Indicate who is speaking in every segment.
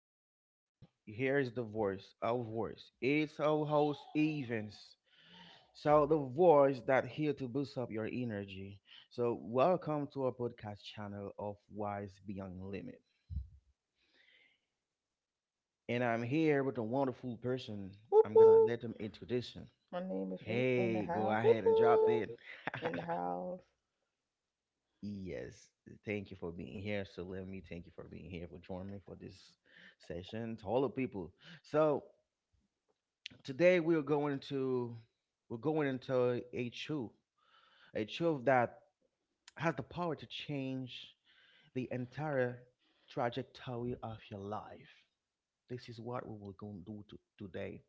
Speaker 1: my listeners, here is the voice, our voice. It's our host, Evans. So, the voice that here to boost up your energy. So, welcome to our podcast channel of Wise Beyond Limit. And I'm here with a wonderful person.
Speaker 2: Whoop
Speaker 1: I'm gonna
Speaker 2: whoop.
Speaker 1: let them introduce him.
Speaker 2: My name is Ruth in the
Speaker 1: Hey, go
Speaker 2: house. Whoop
Speaker 1: ahead and drop it.
Speaker 2: whoop. In the house.
Speaker 1: Yes, thank you for being here. So let me thank you for being here for joining me for this session. To all the people. So today we're going into a truth that has the power to change the entire trajectory of your life. This is what we will going to do today.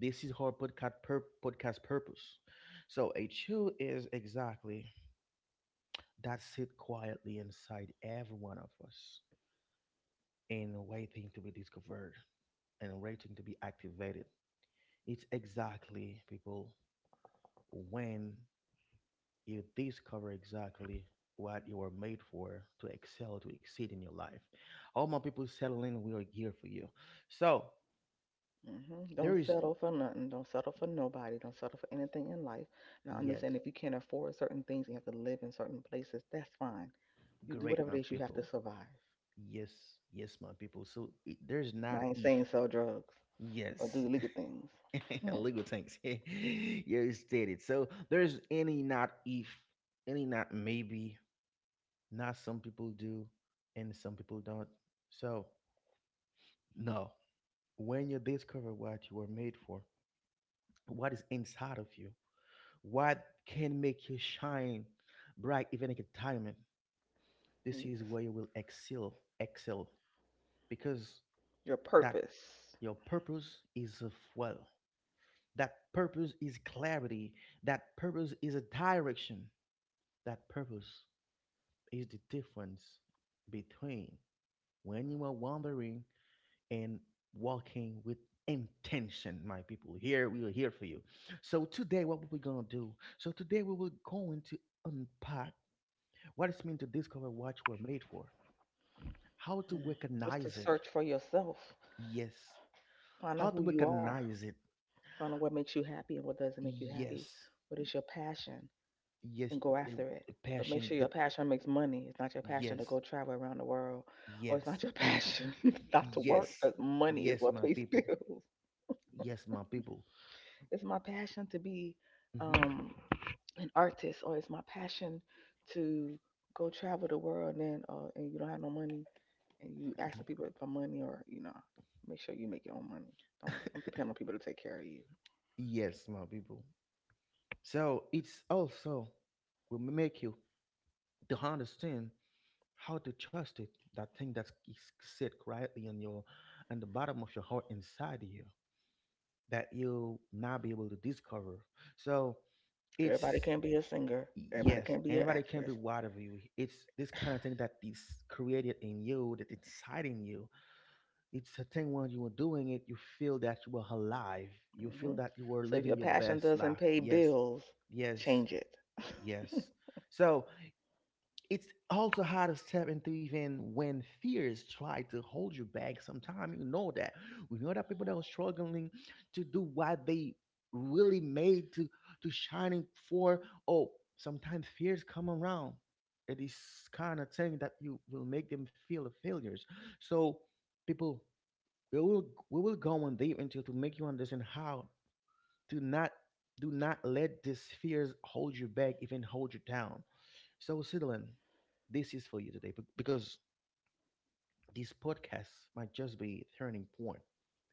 Speaker 1: This is our podcast purpose. So a truth is exactly that sit quietly inside every one of us and waiting to be discovered and waiting to be activated. It's exactly people when you discover exactly what you are made for to excel, to exceed in your life. All my people settle in. We are here for you. So there
Speaker 2: Don't
Speaker 1: is,
Speaker 2: settle for nothing. Don't settle for nobody. Don't settle for anything in life. Now, understand
Speaker 1: yes,
Speaker 2: if you can't afford certain things, you have to live in certain places. That's fine. You do
Speaker 1: great,
Speaker 2: whatever
Speaker 1: my
Speaker 2: it is you have to
Speaker 1: people.
Speaker 2: survive.
Speaker 1: Yes, yes, my people. So it, there's
Speaker 2: Now,
Speaker 1: not
Speaker 2: I ain't
Speaker 1: if.
Speaker 2: saying sell drugs or do
Speaker 1: Yes,
Speaker 2: illegal things. Hmm.
Speaker 1: legal things. You stated. So there's any not if, any not maybe, not some people do, and some people don't. So no, when you discover what you were made for, what is inside of you, what can make you shine bright even in retirement. This
Speaker 2: You
Speaker 1: is
Speaker 2: just-
Speaker 1: where you will excel, excel, because
Speaker 2: Your
Speaker 1: that
Speaker 2: purpose
Speaker 1: your purpose is a fuel. That purpose is clarity. That purpose is a direction. That purpose is the difference between when you are wandering and walking with intention, my people. Here we are here for you. So today, what we're gonna do? So today we will going to unpack what it means to discover what we're made for, how to
Speaker 2: mm, is to
Speaker 1: recognize it,
Speaker 2: search for yourself.
Speaker 1: yes,
Speaker 2: Find
Speaker 1: how
Speaker 2: out
Speaker 1: to
Speaker 2: who you are.
Speaker 1: recognize it,
Speaker 2: Find out what makes you happy and what doesn't make you happy.
Speaker 1: yes,
Speaker 2: What is your passion?
Speaker 1: yes,
Speaker 2: And go
Speaker 1: the,
Speaker 2: after it.
Speaker 1: the
Speaker 2: But make
Speaker 1: passion,
Speaker 2: sure
Speaker 1: the
Speaker 2: your passion makes money. It's not your passion to
Speaker 1: yes,
Speaker 2: go travel around the world, or it's
Speaker 1: yes,
Speaker 2: not your passion not to work
Speaker 1: yes,
Speaker 2: because money is
Speaker 1: yes,
Speaker 2: what
Speaker 1: my
Speaker 2: pays
Speaker 1: people,
Speaker 2: bills.
Speaker 1: yes, my people,
Speaker 2: It's my passion to be
Speaker 1: hmm,
Speaker 2: um, an artist, or it's my passion to go travel the world. And you don't have no money, and you asking people for money, or you know, make sure you make your own money. Don't depend on people to take care of you.
Speaker 1: yes, my people. So it's also will make you to understand how to trust it. That thing that is sit quietly in your in the bottom of your heart inside you that you'll not be able to discover. So
Speaker 2: Everybody
Speaker 1: it's
Speaker 2: can't be a singer. Everybody
Speaker 1: yes,
Speaker 2: can't be an
Speaker 1: anybody can be
Speaker 2: actress.
Speaker 1: wide of you. It's this kind of thing that is created in you, that inside in you. It's a thing when you are doing it, you feel that you are alive. You feel
Speaker 2: hmm
Speaker 1: that you are
Speaker 2: So if
Speaker 1: living
Speaker 2: your
Speaker 1: your
Speaker 2: passion
Speaker 1: best
Speaker 2: doesn't
Speaker 1: life.
Speaker 2: pay
Speaker 1: Yes,
Speaker 2: bills,
Speaker 1: yes,
Speaker 2: change it. hmm
Speaker 1: yes. So it's also how to step into even when fears try to hold you back. Sometimes you know that we know that people that are struggling to do what they really made to shining for. Oh, sometimes fears come around. It is kind of thing that you will make them feel the failures. So people, we will go on deep into to make you understand how to not do not let these fears hold you back, even hold you down. So, Sidlan, this is for you today because this podcast might just be a turning point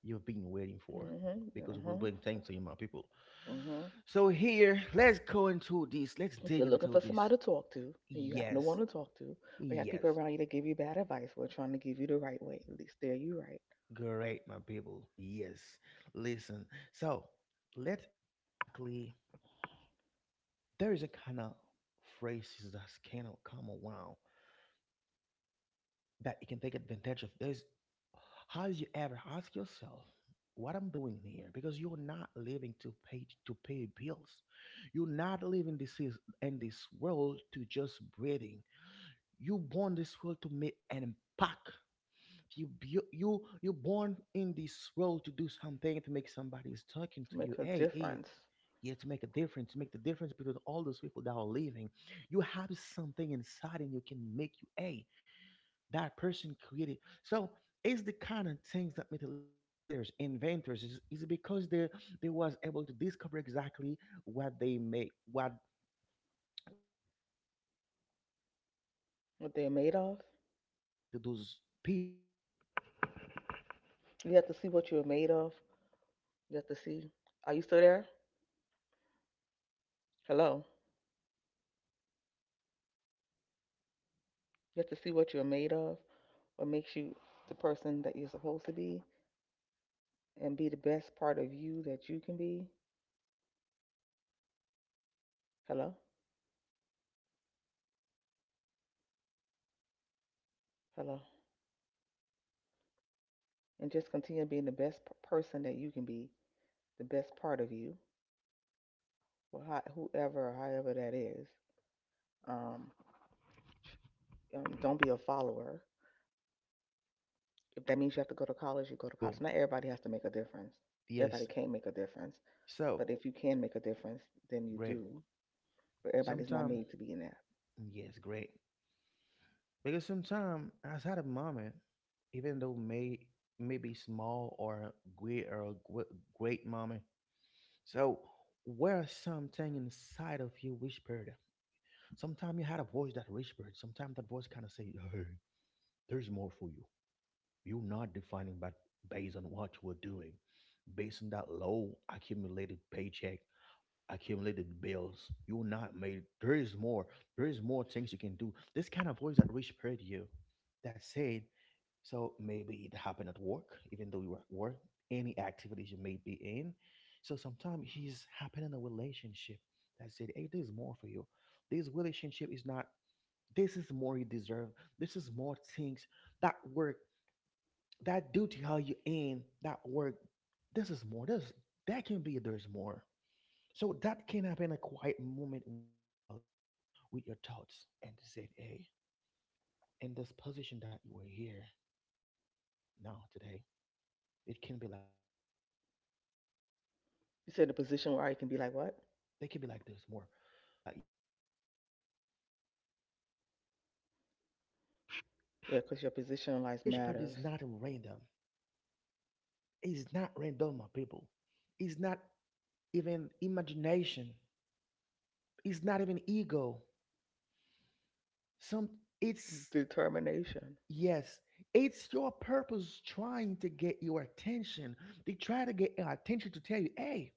Speaker 1: you've been waiting for because we'll
Speaker 2: Uh-huh.
Speaker 1: bring things to you, my people.
Speaker 2: hmm
Speaker 1: So, here, let's go into this. Let's
Speaker 2: If
Speaker 1: dig
Speaker 2: you're looking
Speaker 1: into
Speaker 2: for
Speaker 1: this.
Speaker 2: somebody to talk to and you have no
Speaker 1: Yes,
Speaker 2: one to talk to, or you have
Speaker 1: yes,
Speaker 2: people around you that give you bad advice, we're trying to give you the right way. At least there you right.
Speaker 1: great, my people. Yes, listen. So, let's exactly, there is a kind of phrases that's kind of come around that you can take advantage of this. Have you ever asked yourself what I'm doing here? Because you're not living to pay bills. You're not living this is in this world to just breathing. You born this world to make an impact. You you born in this world to do something to make somebody is talking to you.
Speaker 2: Make a
Speaker 1: Hey, hey,
Speaker 2: difference.
Speaker 1: yeah, to make a difference, to make the difference between all those people that are living. You have something inside and you can make you a that person created. So it's the kind of things that made a lot of creators, inventors, is because they was able to discover exactly what they make, what they discover exactly what they made for to
Speaker 2: What they're
Speaker 1: excel.
Speaker 2: made of.
Speaker 1: This what happened to those people, my people. I'm telling you,
Speaker 2: You have
Speaker 1: you're
Speaker 2: to see
Speaker 1: not
Speaker 2: what
Speaker 1: the
Speaker 2: you're made
Speaker 1: one
Speaker 2: of.
Speaker 1: that the society
Speaker 2: You have to
Speaker 1: designing
Speaker 2: see.
Speaker 1: you
Speaker 2: Are you still
Speaker 1: with
Speaker 2: there?
Speaker 1: in because
Speaker 2: Hello.
Speaker 1: we are not here. I'm telling you, you're not here for this
Speaker 2: You
Speaker 1: low
Speaker 2: have to see what you're
Speaker 1: income.
Speaker 2: made of,
Speaker 1: That
Speaker 2: what makes
Speaker 1: hold
Speaker 2: you
Speaker 1: you
Speaker 2: the
Speaker 1: down. You're
Speaker 2: person that
Speaker 1: not
Speaker 2: you're supposed
Speaker 1: here
Speaker 2: to
Speaker 1: to
Speaker 2: be,
Speaker 1: pay bills. You're not here to
Speaker 2: and be the best
Speaker 1: struggle.
Speaker 2: part of you
Speaker 1: You are
Speaker 2: that you
Speaker 1: here
Speaker 2: can be.
Speaker 1: to live, not to survive, my people. Listen, let's
Speaker 2: Hello.
Speaker 1: understand exactly when you realize this. There is there's more. Tell yourself there
Speaker 2: Hello.
Speaker 1: there is somewhere on my mind that said there's more thing
Speaker 2: And
Speaker 1: that you
Speaker 2: just
Speaker 1: can
Speaker 2: continue
Speaker 1: do.
Speaker 2: being the
Speaker 1: There's
Speaker 2: best
Speaker 1: more. So
Speaker 2: person that you can
Speaker 1: let's
Speaker 2: be,
Speaker 1: start with something
Speaker 2: the
Speaker 1: like
Speaker 2: best part of
Speaker 1: universal.
Speaker 2: you, or how, whoever, or however that
Speaker 1: So
Speaker 2: is. Um,
Speaker 1: a lot of person,
Speaker 2: don't be a
Speaker 1: a
Speaker 2: follower.
Speaker 1: lot of person, or every everyone that
Speaker 2: If that
Speaker 1: listening
Speaker 2: means you have
Speaker 1: now.
Speaker 2: to go to college, you go to
Speaker 1: So
Speaker 2: college. Not everybody has to make a difference.
Speaker 1: yes,
Speaker 2: Everybody can't make a difference,
Speaker 1: so
Speaker 2: but if you can make a difference, then you
Speaker 1: great.
Speaker 2: do. But everybody's not
Speaker 1: Sometime,
Speaker 2: made to be in that.
Speaker 1: yes, great. Because sometime I had a moment, even though may maybe small or great or great moment. So where something inside of you whispered. Sometimes you had a voice that whispered. Sometimes that voice kind of said, "Hey, there's more for you. You're not defining, but based on what you were doing, based on that low accumulated paycheck, accumulated bills. You're not made. There is more. There is more things you can do. This kind of voice that whispered you, that said, so maybe it happened at work, even though you were at work, any activities you may be in. So sometimes he's happening in a relationship that said, hey, there's more for you. This relationship is not, this is more you deserve. This is more things that work, that duty how you in, that work. This is more. This that can be there's more. So that can happen a quiet moment when you were alone with your thoughts and said, hey, in this position that you were here now today, it can be like, there's more. They can be like, there's more.
Speaker 2: You said the position where you can be like what?
Speaker 1: Kind of be like you more than this that you think. The situation that you put yourself in, you can be more, you can be like higher than.
Speaker 2: Yeah,
Speaker 1: So
Speaker 2: because your position
Speaker 1: that
Speaker 2: in life
Speaker 1: rich part is
Speaker 2: matters.
Speaker 1: not random. It's not random, my people. It's not even imagination. It's not even ego. Some it's
Speaker 2: Determination.
Speaker 1: yes, it's your purpose trying to get your attention. They try to get your attention to tell you, hey.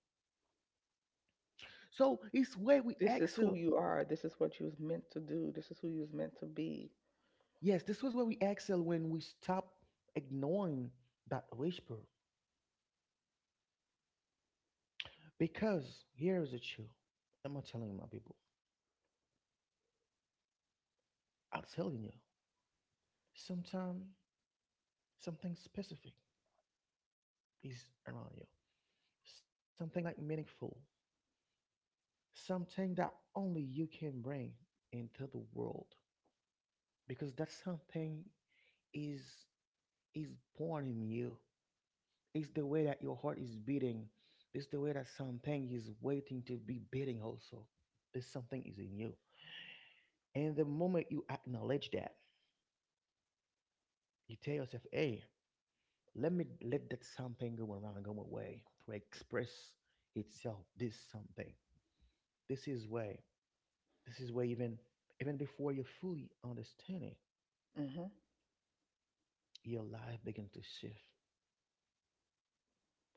Speaker 1: So it's where we
Speaker 2: This is who
Speaker 1: excel.
Speaker 2: you are. This is what you was meant to do. This is who you was meant to be.
Speaker 1: Yes, this was where we excel when we stop ignoring that whisper. Because here is the truth. I'm not telling my people. I'm telling you. Sometimes something specific is around you. Something like meaningful. Something that only you can bring into the world. Because that something is is born in you. It's the way that your heart is beating. It's the way that something is waiting to be beating also. There's something is in you. And the moment you acknowledge that, you tell yourself, hey, let me let that something go around and go away to express itself this something. This is where this is where even even before you fully understand it,
Speaker 2: hmm
Speaker 1: your life begins to shift.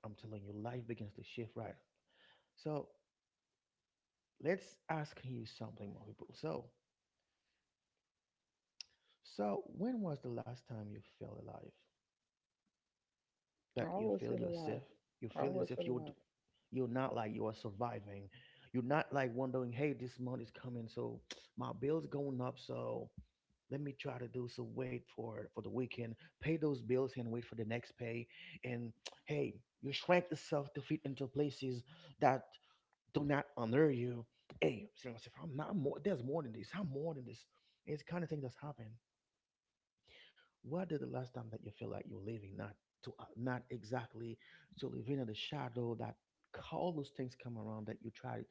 Speaker 1: I'm telling you, life begins to shift, right? So let's ask you something, more people. So so, when was the last time you felt alive?
Speaker 2: I
Speaker 1: That you
Speaker 2: always
Speaker 1: feel
Speaker 2: feel
Speaker 1: yourself?
Speaker 2: alive.
Speaker 1: You
Speaker 2: I
Speaker 1: feel
Speaker 2: always
Speaker 1: yourself?
Speaker 2: feel alive.
Speaker 1: You're not like you are surviving. You're not like wondering, hey, this month is coming, so my bills going up, so let me try to do some wait for the weekend, pay those bills and wait for the next pay. And hey, you shrink yourself to fit into places that do not honor you. Hey, so yourself, I'm not more. There's more than this. I'm more than this. It's kind of thing that's happened. What did the last time that you feel like you're living not to not exactly to live in the shadow that all those things come around that you try,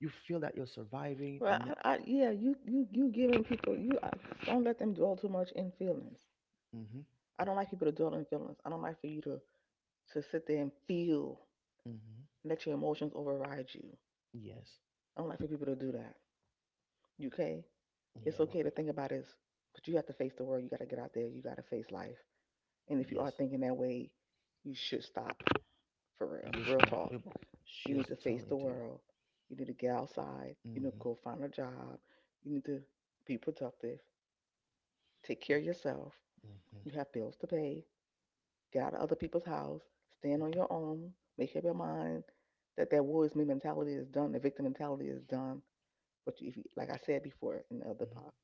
Speaker 1: you feel that you're surviving.
Speaker 2: Well,
Speaker 1: Na-
Speaker 2: I yeah, you giving people. Don't let them dwell too much in feelings.
Speaker 1: mm-hmm,
Speaker 2: I don't like people to dwell in feelings. I don't like for you to sit there and feel,
Speaker 1: mm-hmm.
Speaker 2: let your emotions override you.
Speaker 1: Yes,
Speaker 2: I don't like for people to do that. You? Okay, it's
Speaker 1: yeah, my
Speaker 2: okay to
Speaker 1: people.
Speaker 2: think about this, but you have to face the world. You got to get out there. You got to face life. And if you are
Speaker 1: Yes,
Speaker 2: thinking that way, you should stop for real.
Speaker 1: yes,
Speaker 2: Real
Speaker 1: my
Speaker 2: talk.
Speaker 1: people.
Speaker 2: You need
Speaker 1: She's
Speaker 2: to face
Speaker 1: telling
Speaker 2: the
Speaker 1: to you.
Speaker 2: world. You need to get outside. You need to
Speaker 1: Mm-hmm,
Speaker 2: go find a job. You need to be productive. Take care of yourself.
Speaker 1: mm-hmm,
Speaker 2: You have bills to pay. Get out of other people's house. Stand on
Speaker 1: mm-hmm,
Speaker 2: your own. Make up your mind that that woe is me mentality is done. The victim mentality is done. But if you, like I said before in the other part,
Speaker 1: mm-hmm.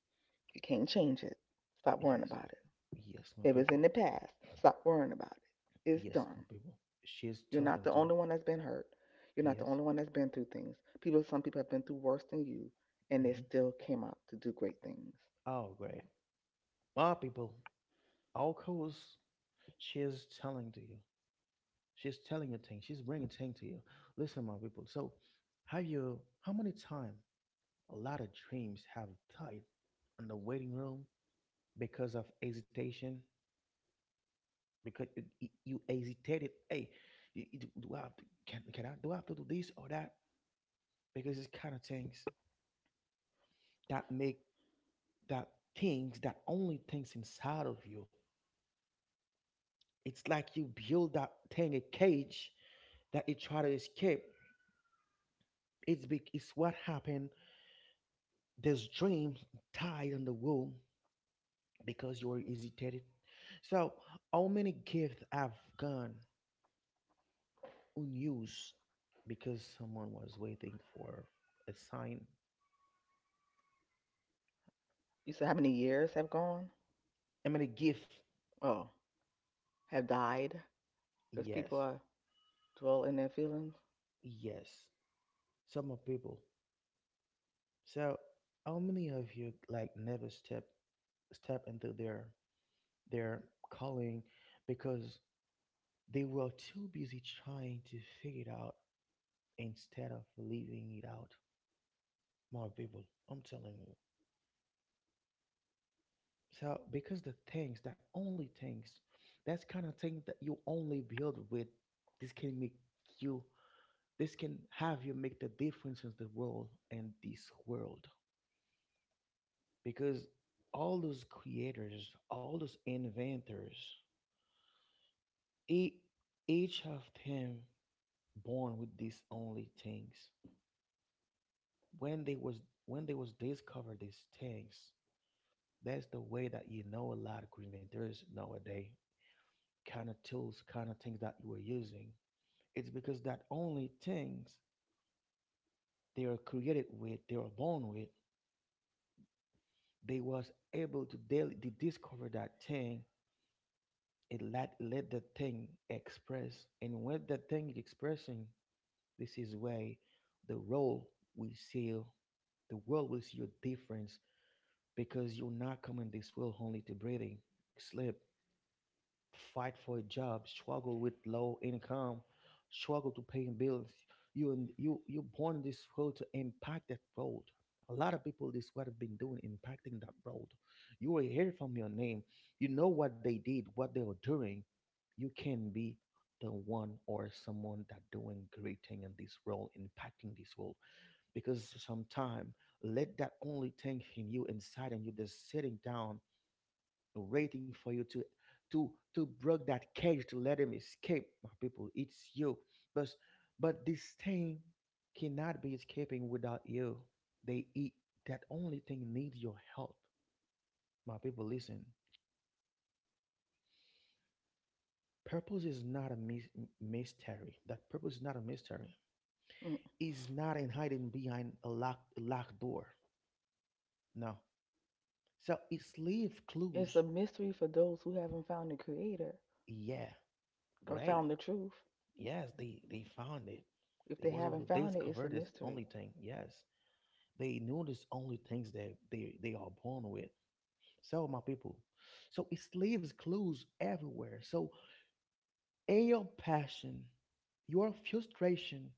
Speaker 2: you can't change it. Stop worrying
Speaker 1: Yes,
Speaker 2: about it.
Speaker 1: yes, my
Speaker 2: If it's
Speaker 1: people.
Speaker 2: in the past, stop worrying about it. It's
Speaker 1: Yes, my
Speaker 2: done.
Speaker 1: people. She's
Speaker 2: You're not
Speaker 1: talking
Speaker 2: the
Speaker 1: to you.
Speaker 2: only one that's been hurt. You're not the
Speaker 1: Yes.
Speaker 2: only one that's been through things. People, some people have been through worse than you, and they
Speaker 1: Mm-hmm.
Speaker 2: still came out to do great things.
Speaker 1: Oh, great. My people, all course, she's telling to you. She's telling you things. She's bringing things to you. Listen, my people. So, have you? How many time a lot of dreams have died in the waiting room because of hesitation? Because it, you hesitated. Hey, do, do I have to, can I do I have to do this or that? Because it's kind of things that make that things that only things inside of you. It's like you build that thing a cage that it try to escape. It's big. It's what happened there's dreams tied on the wall because you are hesitated. So, how many gifts have gone unused because someone was waiting for a sign?
Speaker 2: You said how many years have gone?
Speaker 1: How many gifts?
Speaker 2: Oh, have died because
Speaker 1: Yes,
Speaker 2: people are dwell in their feelings.
Speaker 1: yes. Some of people. So, how many of you like never step into their calling because they were too busy trying to figure it out instead of leaving it out? More people. I'm telling you. So because the things that only things, that's kind of thing that you only build with. This can make you. This can have you make the difference in the world and this world. Because all those creators, all those inventors, e- each of them born with these only things. When they was discovered these things, that's the way that you know a lot of inventors nowadays. Kind of tools, kind of things that you were using. It's because that only things they are created with, they are born with, they was able to daily to discover that thing. It let the thing express, and when the thing is expressing, this is where the role we see, the world will see your difference because you're not coming this world only to breathing, sleep, fight for a job, struggle with low income, struggle to paying bills. You and you born in this world to impact that world. A lot of people this what have been doing impacting that world. You will hear from your name. You know what they did, what they were doing. You can be the one or someone that doing great thing in this world, impacting this world. Because sometime let that only thing in you inside and you just sitting down waiting for you to to break that cage to let him escape, my people, it's you. But but this thing cannot be escaping without you. They eat that only thing needs your help. My people, listen, purpose is not a mystery. That purpose is not a mystery,
Speaker 2: Mm.
Speaker 1: is not in hiding behind a locked door. No. So it's leave
Speaker 2: It's a
Speaker 1: clues.
Speaker 2: mystery for those who haven't found the Creator
Speaker 1: Yeah,
Speaker 2: or
Speaker 1: great.
Speaker 2: found the truth.
Speaker 1: Yes, they found it.
Speaker 2: If
Speaker 1: They
Speaker 2: they
Speaker 1: was able
Speaker 2: haven't
Speaker 1: to
Speaker 2: found it, it's a
Speaker 1: discover this
Speaker 2: mystery.
Speaker 1: only thing. Yes, they knew this only things that they are born with. So my people, so it leaves clues everywhere. So in your passion, your frustration,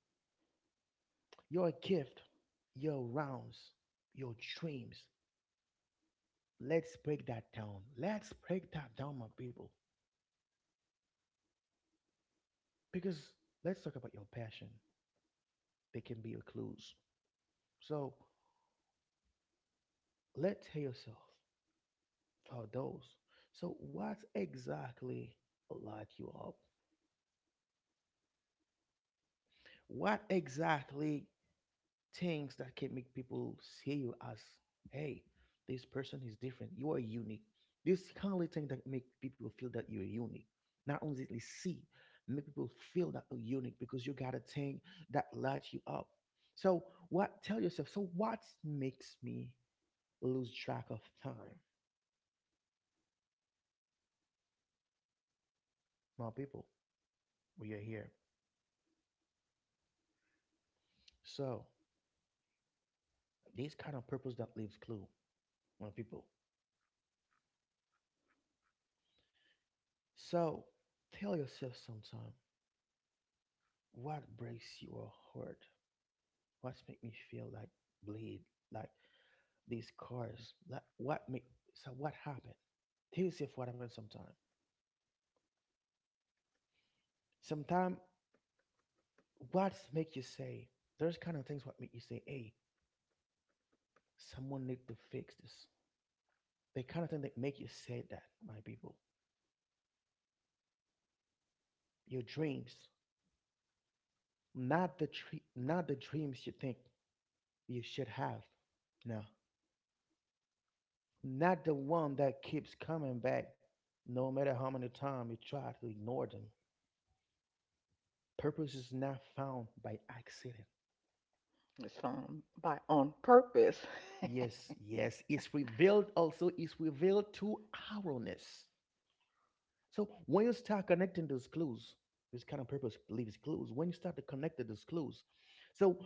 Speaker 1: your gift, your rounds, your dreams. Let's break that down. Let's break that down, my people. Because let's talk about your passion. They can be your clues. So let's hear yourself, for those. So, what exactly light you up? What exactly things that can make people see you as, hey, this person is different. You are unique. This kind of thing that make people feel that you're unique. Not only they see, make people feel that you're unique because you got a thing that lights you up. So, what? Tell yourself. So, what makes me lose track of time? My people, we are here. So, this kind of purpose that leaves clue, when people. So tell yourself sometime what breaks your heart, what make me feel like bleed, like these cars, like what make, so what happened. Tell yourself what happened sometime. Sometime what make you say, there's kind of things what make you say, hey, someone need to fix this. They kind of thing that make you say that, my people. Your dreams, not the dreams you think you should have. No, not the one that keeps coming back no matter how many times you try to ignore them. Purpose is not found by accident.
Speaker 2: It's found by on purpose.
Speaker 1: Yes, yes, it's revealed also, it's revealed to ourness. So when you start connecting those clues, this kind of purpose leaves clues. When you start to connect those clues, so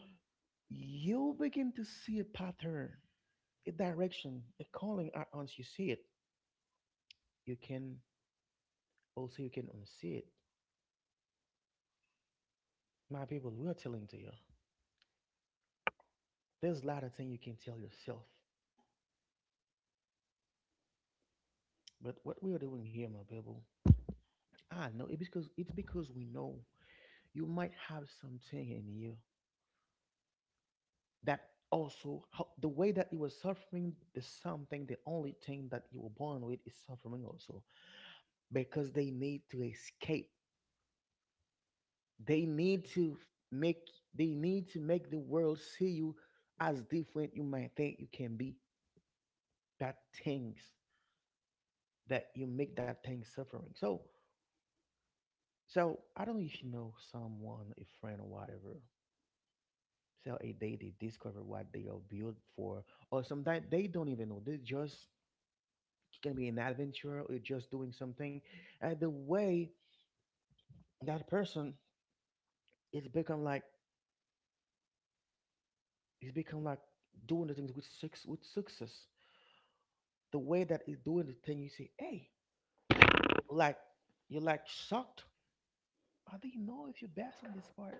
Speaker 1: you begin to see a pattern, a direction, a calling. Once you see it, you can also you can unsee it. My people, we are telling to you. There's a lot of things you can tell yourself. But what we are doing here, my people, I know it because it's because we know you might have something in you that also how, the way that you were suffering the something, the only thing that you were born with is suffering also because they need to escape, they need to make, they need to make the world see you as different. You might think you can be that things, that you make that thing suffering. So, so I don't know if you know someone, a friend or whatever. So a day they discover what they are built for, or sometimes they don't even know. They just can be an adventurer or just doing something, and the way that person is become like is become like doing the things with success. With success, the way that is doing the thing, you say, "Hey, like you're like shocked. I do not know if you're best in this part."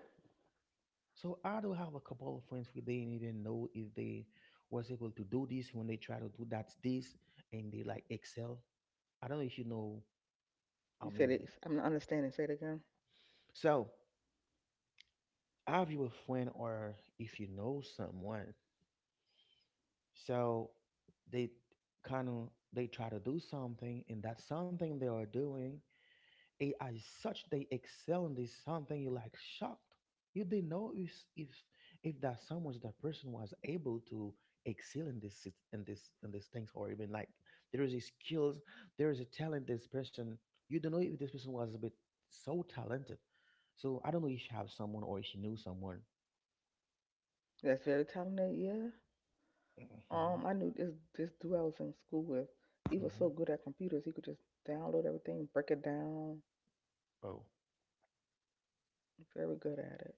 Speaker 1: So I do have a couple of friends where they didn't know if they was able to do this when they try to do that this and they like excel. I don't know if you know, I
Speaker 2: You
Speaker 1: mean.
Speaker 2: said it's. I'm not understanding. Say it again.
Speaker 1: So have you a friend or if you know someone, so they kind of they try to do something and that's something they are doing, AI is such they excel in this something, you like shocked. You didn't know if that someone, that person was able to excel in this in this, in these things, or even like there is a skills, there is a talent, this person you don't know if this person was a bit so talented. So I don't know if you have someone or if you knew someone.
Speaker 2: That's very telling. That, yeah.
Speaker 1: Hmm.
Speaker 2: I knew this dude I was in school with. He was
Speaker 1: Hmm.
Speaker 2: so good at computers. He could just download everything, break it down.
Speaker 1: Oh.
Speaker 2: Very good at it.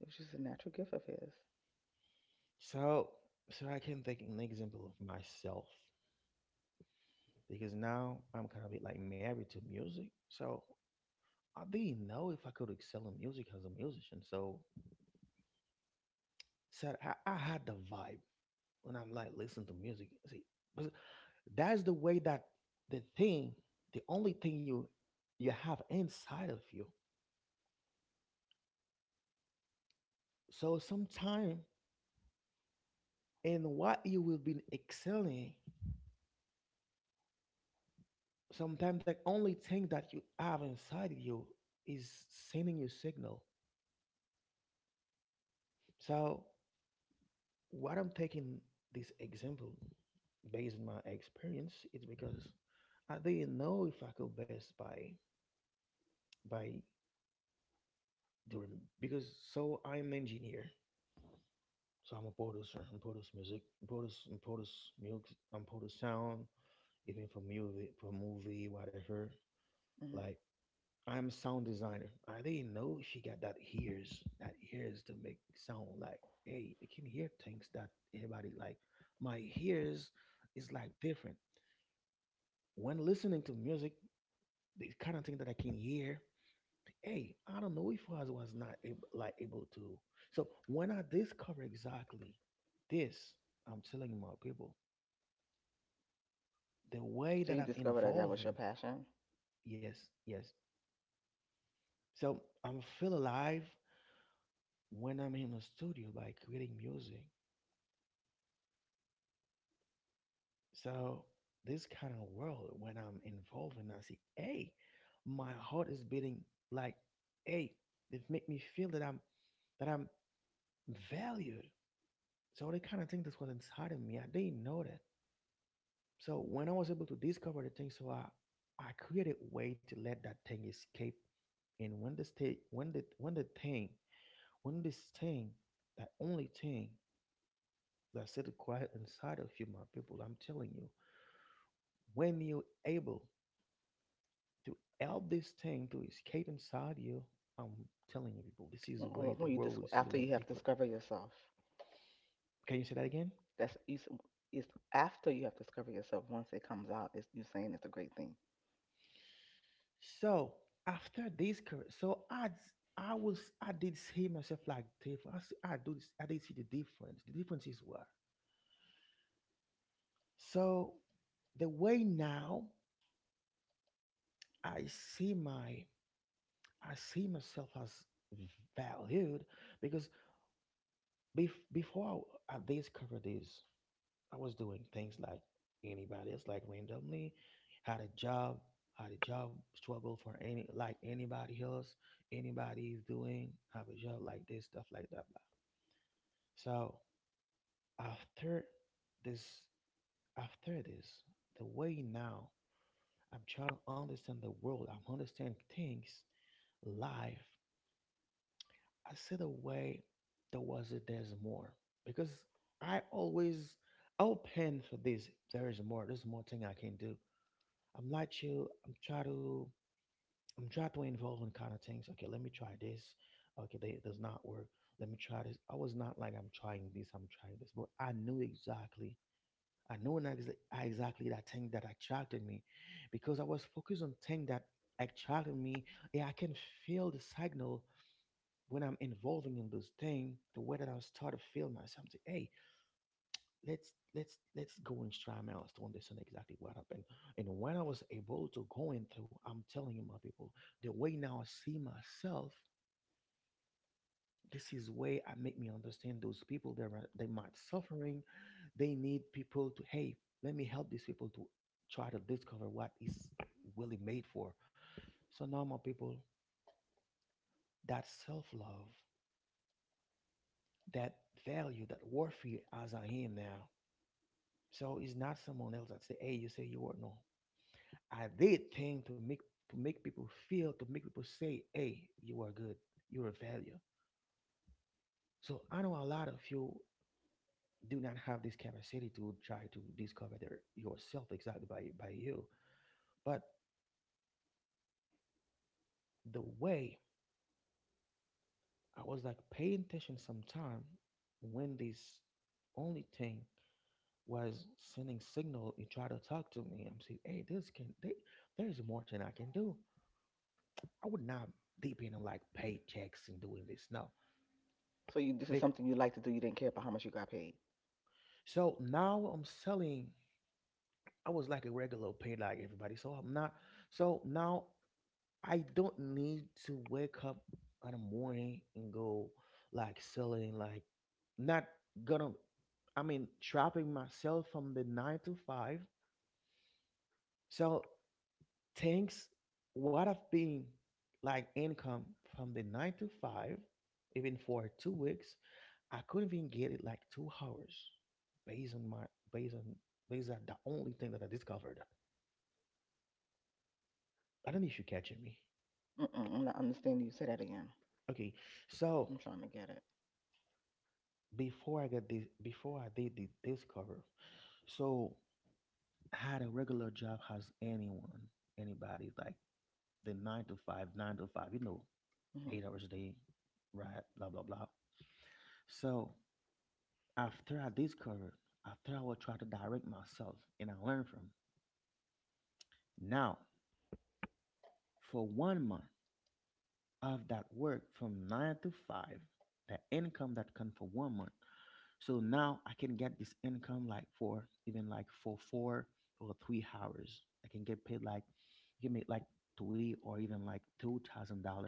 Speaker 2: It was just a natural gift of his.
Speaker 1: So so I can take an example of myself because now I'm kind of bit like married to music. So I didn't know if I could excel in music as a musician. So said I had the vibe when I'm like listen to music. See, but that's the way that the thing, the only thing you you have inside of you. So sometime in what you will be excelling, sometimes the only thing that you have inside of you is sending you signal. So what I'm taking this example based on my experience is because I didn't know if I could best by doing because so I'm an engineer, so I'm a producer, I'm produce music, produce I'm produce music, I'm produce sound, even for movie, whatever.
Speaker 2: hmm
Speaker 1: Like I'm a sound designer. I didn't know she got that ears to make sound. Like hey, I can hear things that everybody like. My ears is like different. When listening to music, the kind of thing that I can hear, hey, I don't know if I was not able, like able to. So when I discover exactly this, I'm telling my people the way
Speaker 2: So
Speaker 1: that
Speaker 2: you
Speaker 1: I'm
Speaker 2: discovered that that was your
Speaker 1: involving.
Speaker 2: passion,
Speaker 1: Yes, yes. So I'm feel alive when I'm in the studio by creating music. So this kind of world when I'm involving, I see, hey, my heart is beating like, hey, it make me feel that I'm valued. So they kind of think that's was inside of me. I didn't know that. So when I was able to discover the thing, so I created a way to let that thing escape. And when this thing, when the thing, when this thing, that only thing that's still quiet inside of you, my people, I'm telling you, when you're able to help this thing to escape inside you, I'm telling you, people, this is
Speaker 2: when
Speaker 1: the
Speaker 2: when-
Speaker 1: way the
Speaker 2: when you
Speaker 1: world will see you
Speaker 2: after
Speaker 1: like
Speaker 2: you have
Speaker 1: different.
Speaker 2: discovered yourself.
Speaker 1: Can you say that again?
Speaker 2: That's you. It's after you have discovered yourself. Once it comes out, it's you saying it's a great thing.
Speaker 1: So after this, so I was I did see myself like different. I I did see the difference. The difference is what. So the way now I see my I see myself as valued because before I discovered this, I was doing things like anybody else, like randomly, had a job, had a job struggle for any like anybody else, anybody is doing, have a job like this, stuff like that. So after this, after this, the way now I'm trying to understand the world. I'm understand things, life. I see the way there was it. There's more because I always open for this. There is more. There's more thing I can do. I'm not you. I'm trying to. I'm trying to involve in kind of things. Okay, let me try this. Okay, they, it does not work. Let me try this. I was not like I'm trying this. I'm trying this, but I knew exactly I know not ex- are exactly that thing that attracted me because I was focused on thing that attracted me. Yeah, I can feel the signal when I'm involving in those thing. The way that I start to feel myself say, hey, let's go and try my else to understand exactly what happened. And when I was able to go in through, I'm telling you my people, the way now I see myself, this is way I make me understand those people. They're they might suffering. They need people to, hey, let me help these people to try to discover what is really made for. So now my people, that self love, that value, that worth you as I am now. So it's not someone else that say, hey, you say you are, no. I did thing to make people feel, to make people say, hey, you are good, you're a value. So I know a lot of you do not have this capacity to try to discover their yourself exactly by you. But the way I was like paying attention sometime, when this only thing was sending signal, you try to talk to me. I'm saying, hey, this can they, there's more than I can do. I would not depend on like paychecks and doing this. No.
Speaker 2: So you, this is
Speaker 1: Big.
Speaker 2: something you like to do. You didn't care about how much you got paid.
Speaker 1: So now I'm selling, I was like a regular paid like everybody. So I'm not, so now I don't need to wake up in the morning and go like selling like, not gonna, trapping myself from the nine to five. So thanks, what I've been like income from the nine to five, even for 2 weeks, I couldn't even get it like 2 hours, based on my, based on, based on the only thing that I discovered. I don't know if you're catching me.
Speaker 2: Mm-mm, I'm not understanding you. Say that again.
Speaker 1: Okay. So
Speaker 2: I'm trying to get it.
Speaker 1: before I got this, before I did the discover, so I had a regular job as anyone, anybody, like the nine to five,
Speaker 2: hmm
Speaker 1: 8 hours a day, right? Blah blah blah. So after I discovered, after I would try to direct myself and I learn from. Now, for 1 month of that work from nine to five, the income that come for 1 month, so now I can get this income like for even like for 4 or 3 hours, I can get paid like, I can make like three or even like $2,000,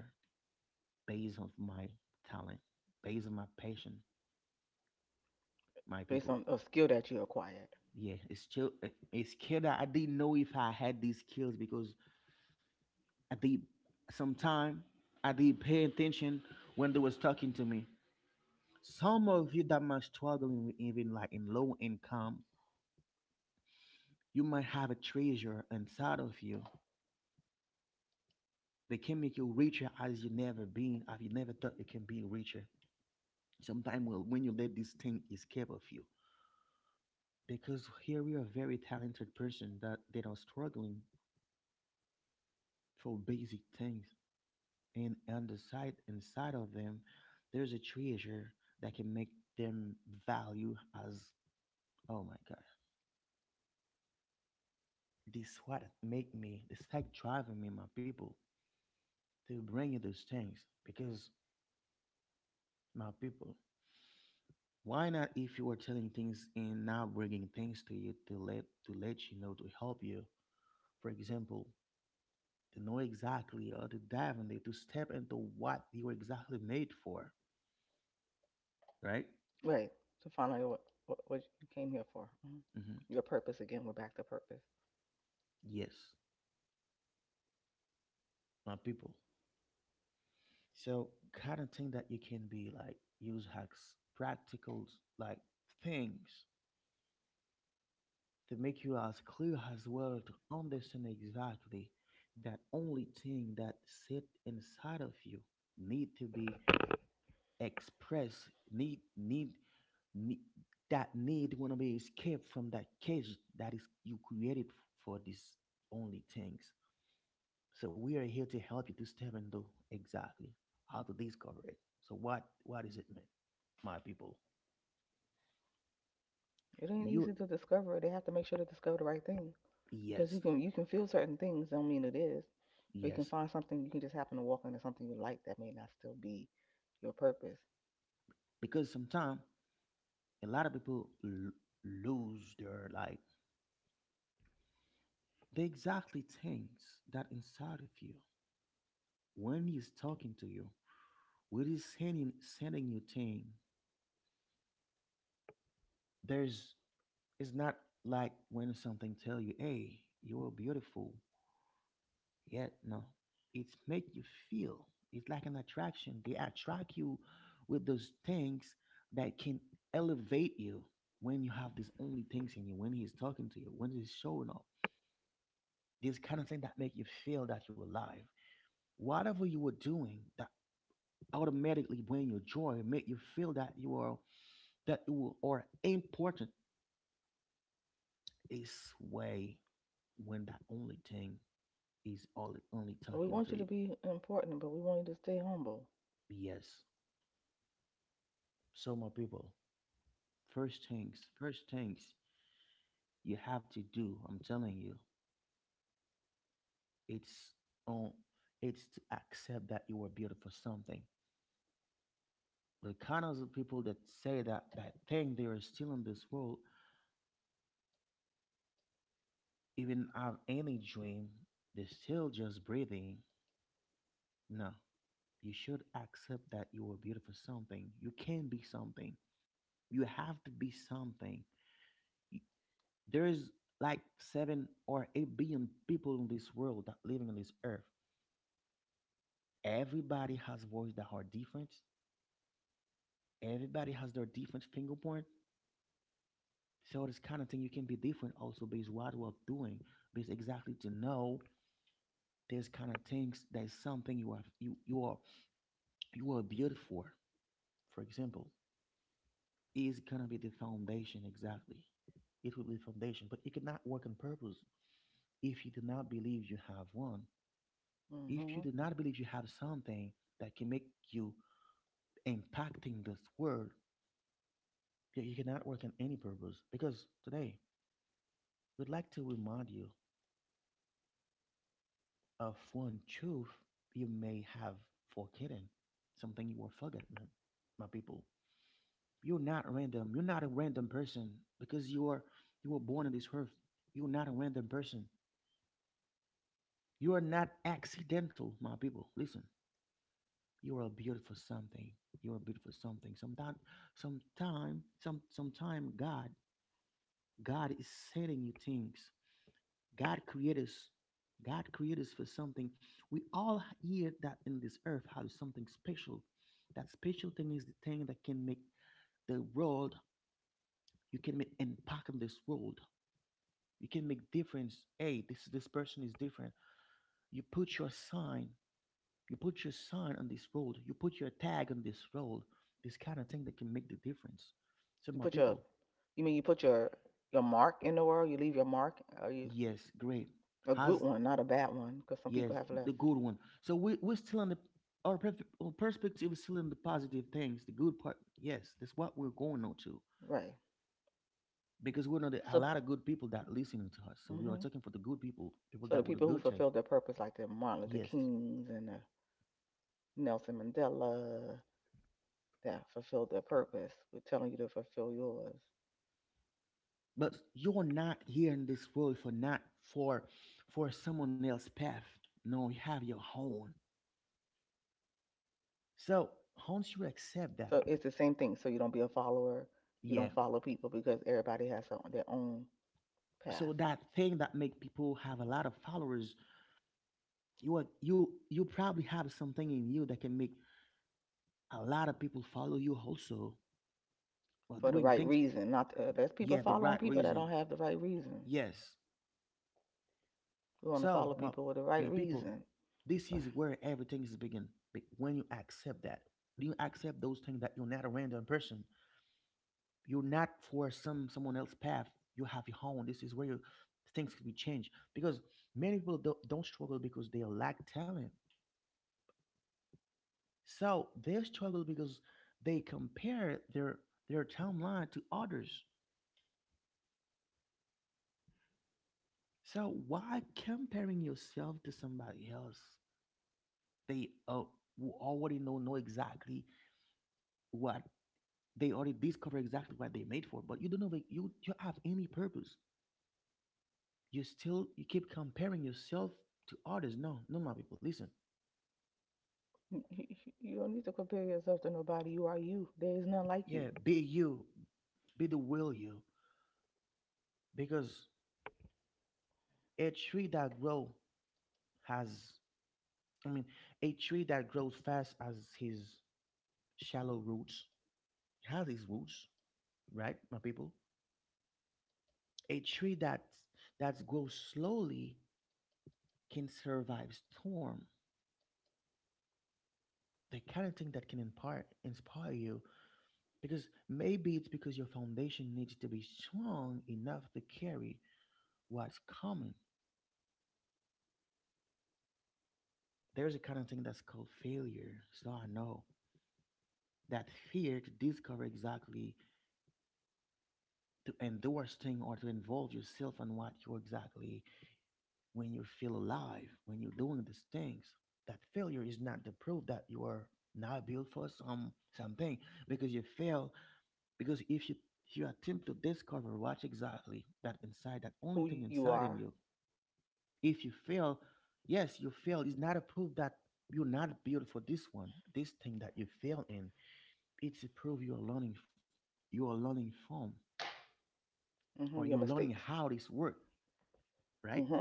Speaker 1: based on my talent, based on my passion, my
Speaker 2: Based
Speaker 1: people.
Speaker 2: on a skill that you acquired.
Speaker 1: Yeah, it's still it's skill that I didn't know if I had these skills because I did, sometime I did pay attention when they was talking to me. Some of you that might struggling with even like in low income, you might have a treasure inside of you. They can make you richer as you never been, as you never thought you can be richer. Sometimes when you let this thing escape of you, because here we are a very talented person that they are struggling for basic things, and on the side inside of them, there's a treasure that can make them value as, oh my god, this is what make me, this is like driving me, my people, to bring you those things, because my people, why not if you are telling things and not bringing things to you to let you know, to help you? For example, to know exactly or to step into what you are exactly made for, right?
Speaker 2: Right. To find out what you came here for. Mhm.
Speaker 1: Hmm.
Speaker 2: Your purpose again. We're back to purpose.
Speaker 1: Yes, my people. So kind of thing that you can be like use hacks, practicals, like things to make you as clear as well to understand exactly that only thing that sit inside of you need to be express, need that need want to be escaped from that cage that is you created for these only things. So we are here to help you to step into exactly how to discover it. So what is it mean, my people?
Speaker 2: It ain't
Speaker 1: You,
Speaker 2: easy to discover. They have to make sure to discover the right thing because
Speaker 1: yes,
Speaker 2: you can feel certain things. Don't mean it is. Or you can
Speaker 1: yes,
Speaker 2: find something. You can just happen to walk into something you like that may not still be your purpose.
Speaker 1: because sometimes a lot of people lose their like the exactly things that inside of you when he's talking to you, what is sending you thing, there's, it's not like when something tell you, hey, you're beautiful, yet no, it's make you feel, it's like an attraction, they attract you with those things that can elevate you. When you have these only things in you, when he's talking to you, when he's showing up, these kind of things that make you feel that you're alive, whatever you were doing that, automatically bring you joy, make you feel that you are, that you are important. It's way when that only thing is all only
Speaker 2: Well, we
Speaker 1: talking to
Speaker 2: want you
Speaker 1: you.
Speaker 2: to be important, but we want you to stay humble.
Speaker 1: BS. So my people, first things you have to do, I'm telling you, it's on, it's to accept that you were built for something. The kind of people that say that that thing they are still in this world, even have any dream, they're still just breathing. No. You should accept that you were built for something. You can be something. You have to be something. There is like 7 or 8 billion people in this world that living on this earth. Everybody has voice that are different. Everybody has their different fingerprint. So this kind of thing, you can be different also based what you are doing, based exactly to know there's kind of things, there's something you are, you are, you are built for. For example, is gonna be the foundation exactly. It will be the foundation, but it cannot work on purpose if you do not believe you have one. If you
Speaker 2: hmm
Speaker 1: do not believe you have something that can make you impacting this world, you cannot work in any purpose. Because today, we'd like to remind you of one truth you may have forgotten, something you were forgotten, my people. You're not random. You're not a random person because you are, you were born on this earth. You're not a random person. You are not accidental, my people. Listen, you are a beautiful something. You are a beautiful something. Sometime, God is sending you things. God created us. God created us for something. We all here that in this earth have something special. That special thing is the thing that can make the world. You can make impact on this world. You can make difference. Hey, this person is different. You put your sign. You put your sign on this road. You put your tag on this road. This kind of thing that can make the difference. So
Speaker 2: You
Speaker 1: my
Speaker 2: put your,
Speaker 1: people,
Speaker 2: you put your mark in the world. You leave your mark. Are you
Speaker 1: yes, great.
Speaker 2: a good
Speaker 1: Has,
Speaker 2: one, not a bad one? Because some
Speaker 1: yes,
Speaker 2: people have
Speaker 1: the
Speaker 2: left.
Speaker 1: good one. So we we're still on the our perspective is still in the positive things, the good part. Yes, that's what we're going on to,
Speaker 2: Right.
Speaker 1: because we know that a
Speaker 2: So.
Speaker 1: lot of good people that listening to us. So we are
Speaker 2: Mhm.
Speaker 1: talking for the good people, people
Speaker 2: So the
Speaker 1: that with a
Speaker 2: people who
Speaker 1: good thing.
Speaker 2: fulfilled their purpose, like the Martin Luther
Speaker 1: Yes,
Speaker 2: Kings and the Nelson Mandela, that fulfilled their purpose, we're telling you to fulfill yours.
Speaker 1: but you're not here in this world for not for, for someone else's path. No, you have your own. So once you accept that,
Speaker 2: So it's the same thing. So you don't be a follower. You
Speaker 1: yeah.
Speaker 2: don't follow people because everybody has their own
Speaker 1: So
Speaker 2: path
Speaker 1: that thing that make people have a lot of followers, you are, you probably have something in you that can make a lot of people follow you also. But
Speaker 2: for the
Speaker 1: doing
Speaker 2: right
Speaker 1: things,
Speaker 2: reason. Not there's people
Speaker 1: yeah, the
Speaker 2: following
Speaker 1: right
Speaker 2: people that
Speaker 1: reason,
Speaker 2: don't have the right reason.
Speaker 1: yes.
Speaker 2: We want to
Speaker 1: So
Speaker 2: follow people with the right
Speaker 1: my people,
Speaker 2: reason.
Speaker 1: this is where everything is begin. When you accept that, when you accept those things that you're not a random person, you're not for some someone else's path. You have your own. This is where your things can be changed, because many people don't struggle because they lack talent. So they struggle because they compare their timeline to others. So why comparing yourself to somebody else? They who already know exactly what, they already discover exactly what they made for, but you don't know like, you have any purpose. You still, you keep comparing yourself to others. No, no, my people, listen.
Speaker 2: You don't need to compare yourself to nobody. You are you. There is none like you.
Speaker 1: Yeah, be you, be the will you, because a tree that grows has, I mean, a tree that grows fast has his shallow roots, has his roots, right, my people? A tree that grows slowly can survive storm. The kind of thing that can impart inspire you, because maybe it's because your foundation needs to be strong enough to carry what's coming. There's a kind of thing that's called failure. So I know, that fear to discover exactly, to endorse thing or to involve yourself in what you're exactly, when you feel alive, when you're doing these things. That failure is not the proof that you are not built for some something because you fail. Because if you, if you attempt to discover what exactly that inside, that only
Speaker 2: Who
Speaker 1: thing
Speaker 2: you
Speaker 1: inside in
Speaker 2: are,
Speaker 1: you, if you fail, yes, you fail. It's not a proof that you're not built for this one, this thing that you fail in. It's a proof you are learning, you are learning from,
Speaker 2: your
Speaker 1: or you're learning
Speaker 2: mistakes,
Speaker 1: how this work, right?
Speaker 2: hmm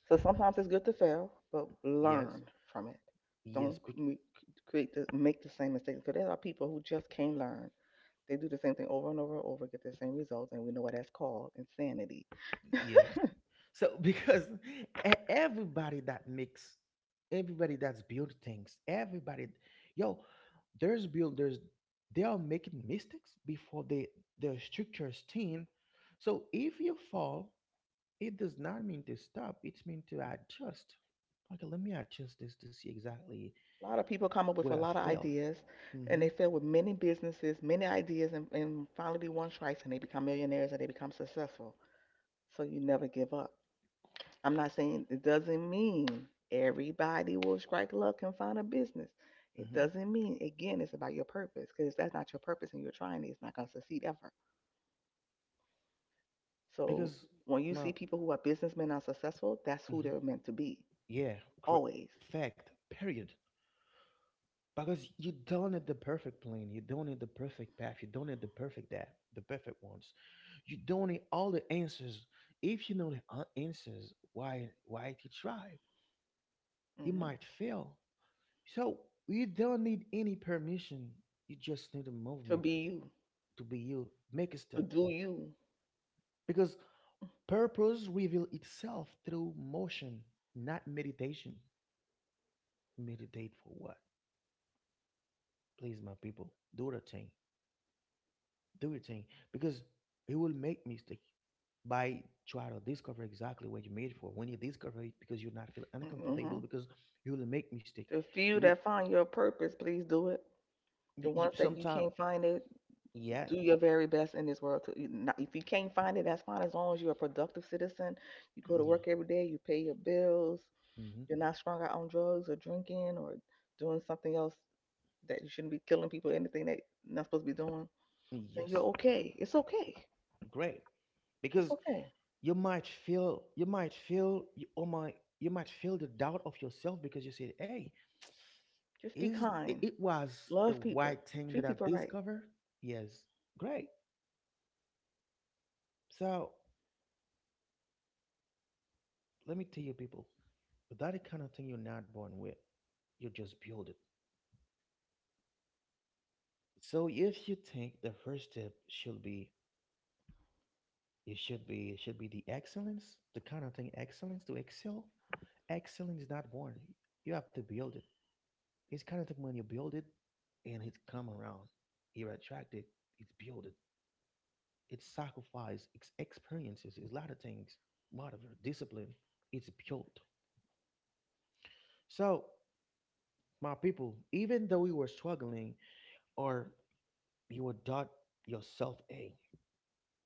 Speaker 2: so sometimes it's good to fail, but
Speaker 1: Yes.
Speaker 2: learn from it.
Speaker 1: Yes.
Speaker 2: Don't m- create the make the same mistakes because there are people who just can't learn. They do the same thing over and over and over, get the same results, and we know what that's called insanity.
Speaker 1: Yes. So because everybody that makes, everybody that's built things, everybody, yo, there's builders, they are making mistakes before they, their structures thin. So if you fall, it does not mean to stop. It's mean to adjust. Okay, let me adjust this to see exactly
Speaker 2: A lot of people come up with
Speaker 1: where
Speaker 2: a
Speaker 1: I
Speaker 2: lot of
Speaker 1: failed.
Speaker 2: ideas,
Speaker 1: Mm-hmm.
Speaker 2: and they fail with many businesses, many ideas, and finally one strikes, and they become millionaires and they become successful. So you never give up. I'm not saying it doesn't mean everybody will strike luck and find a business. It
Speaker 1: Hmm.
Speaker 2: doesn't mean, again, it's about your purpose because if that's not your purpose and you're trying it, it's not going to succeed ever. So
Speaker 1: Because,
Speaker 2: when you see
Speaker 1: well,
Speaker 2: people who are businessmen are successful, that's who
Speaker 1: mhm,
Speaker 2: they're meant to be
Speaker 1: yeah, cor-
Speaker 2: always.
Speaker 1: fact, period. Because you don't need the perfect plane, you don't need the perfect path, you don't need the perfect that, the perfect ones. You don't need all the answers. If you know the answers, why to try? You
Speaker 2: hmm
Speaker 1: might fail. So you don't need any permission. You just need a
Speaker 2: To
Speaker 1: movement
Speaker 2: be you,
Speaker 1: to be you. Make a
Speaker 2: to
Speaker 1: step.
Speaker 2: do you.
Speaker 1: Because purpose reveal itself through motion, not meditation. Meditate for what? Please, my people, do the thing. Do your thing. Because you will make mistake by try to discover exactly what you made for. When you discover it, because you're not feel
Speaker 2: hmm
Speaker 1: uncomfortable, because you will make mistake.
Speaker 2: The
Speaker 1: You
Speaker 2: few
Speaker 1: will
Speaker 2: that find your purpose, please do it. The ones that you
Speaker 1: sometime,
Speaker 2: can't find it,
Speaker 1: yeah,
Speaker 2: do your very best in this world to if you can't find it, that's fine. As long as you're a productive citizen, you go to
Speaker 1: yeah,
Speaker 2: work every day, you pay your bills,
Speaker 1: hmm,
Speaker 2: you're not strung out on drugs or drinking or doing something else that you shouldn't be, killing people, anything that you're not supposed to be doing, then you're
Speaker 1: yes,
Speaker 2: okay. It's okay.
Speaker 1: great.
Speaker 2: It's
Speaker 1: Because
Speaker 2: okay,
Speaker 1: you might feel, you might feel, you, oh my, you might feel the doubt of yourself because you said, hey,
Speaker 2: just be
Speaker 1: is it
Speaker 2: kind,
Speaker 1: it was the
Speaker 2: love
Speaker 1: right
Speaker 2: people,
Speaker 1: thing that
Speaker 2: treat
Speaker 1: I
Speaker 2: people right.
Speaker 1: discovered? Yes, great. So let me tell you, people, that is kind of thing you're not born with. You just build it. So if you think the first step should be, it should be the excellence, the kind of thing excellence to excel. Excellence is not born. You have to build it. It's kind of thing when you build it, and it come around. You attract it. It's build it. It's sacrifice. It's experiences. It's a lot of things. Lot motivate, discipline. It's built. So, my people, even though we were struggling, or you will doubt yourself. A.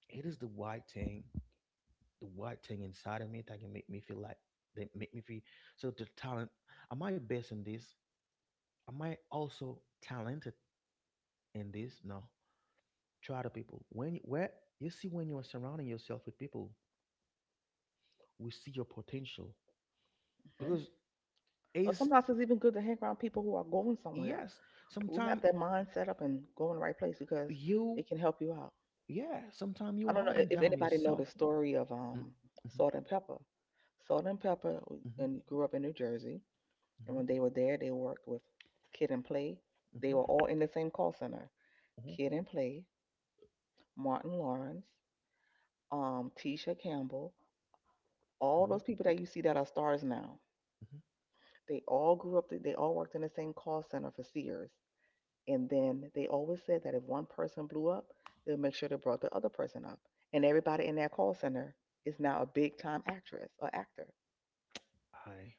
Speaker 1: It is the white thing inside of me that can make me feel like they make me feel so the talent. Am I best in this? Am I also talented in this? No. Try the people. Where you see when you are surrounding yourself with people, we see your potential.
Speaker 2: hmm
Speaker 1: Because
Speaker 2: or
Speaker 1: it's,
Speaker 2: sometimes it's even good to hang around people who are going somewhere,
Speaker 1: yes,
Speaker 2: who have
Speaker 1: sometimes
Speaker 2: their mind set up and go in the right place because
Speaker 1: you,
Speaker 2: it can help you out.
Speaker 1: yeah, sometimes
Speaker 2: I
Speaker 1: you're
Speaker 2: don't know
Speaker 1: holding
Speaker 2: if
Speaker 1: down
Speaker 2: anybody know the
Speaker 1: yourself.
Speaker 2: story of
Speaker 1: Mm, mhm,
Speaker 2: Salt and Pepper. Salt and Pepper w-
Speaker 1: mhm,
Speaker 2: and grew up in New Jersey, and
Speaker 1: mhm,
Speaker 2: when they were there, they worked with Kid and Play. They
Speaker 1: mhm,
Speaker 2: were all in the same call center.
Speaker 1: mhm,
Speaker 2: Kid and Play, Martin Lawrence, Tisha Campbell, all
Speaker 1: mhm,
Speaker 2: those people that you see that are stars now.
Speaker 1: mhm.
Speaker 2: They all grew up. They all worked in the same call center for Sears. And then they always said that if one person blew up, they'll make sure they brought the other person up. And everybody in that call center is now a big time actress or actor.
Speaker 1: I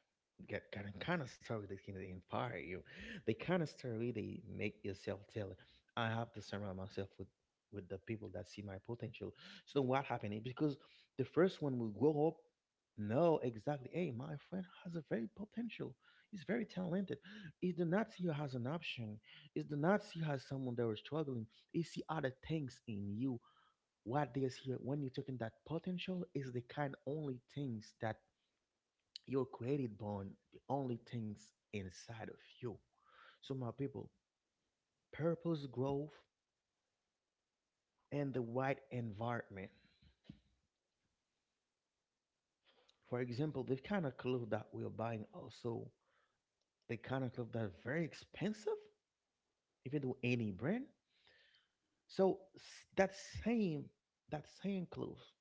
Speaker 1: get kind of story that can inspire you, the kind of story they make yourself tell. I have to surround myself with the people that see my potential. So what happened? Is because the first one will grow up, know exactly. Hey, my friend has a very potential. He's very talented. He do not see you as an option. He do not see you as someone that was struggling. He see other things in you. What they see when you're talking that potential is the kind only things that you're created born the only things inside of you. So my people, purpose growth and the right environment. For example, the kind of clothes that we're buying also, the kind of clothes that are very expensive, if you do any brand. So that same clothes.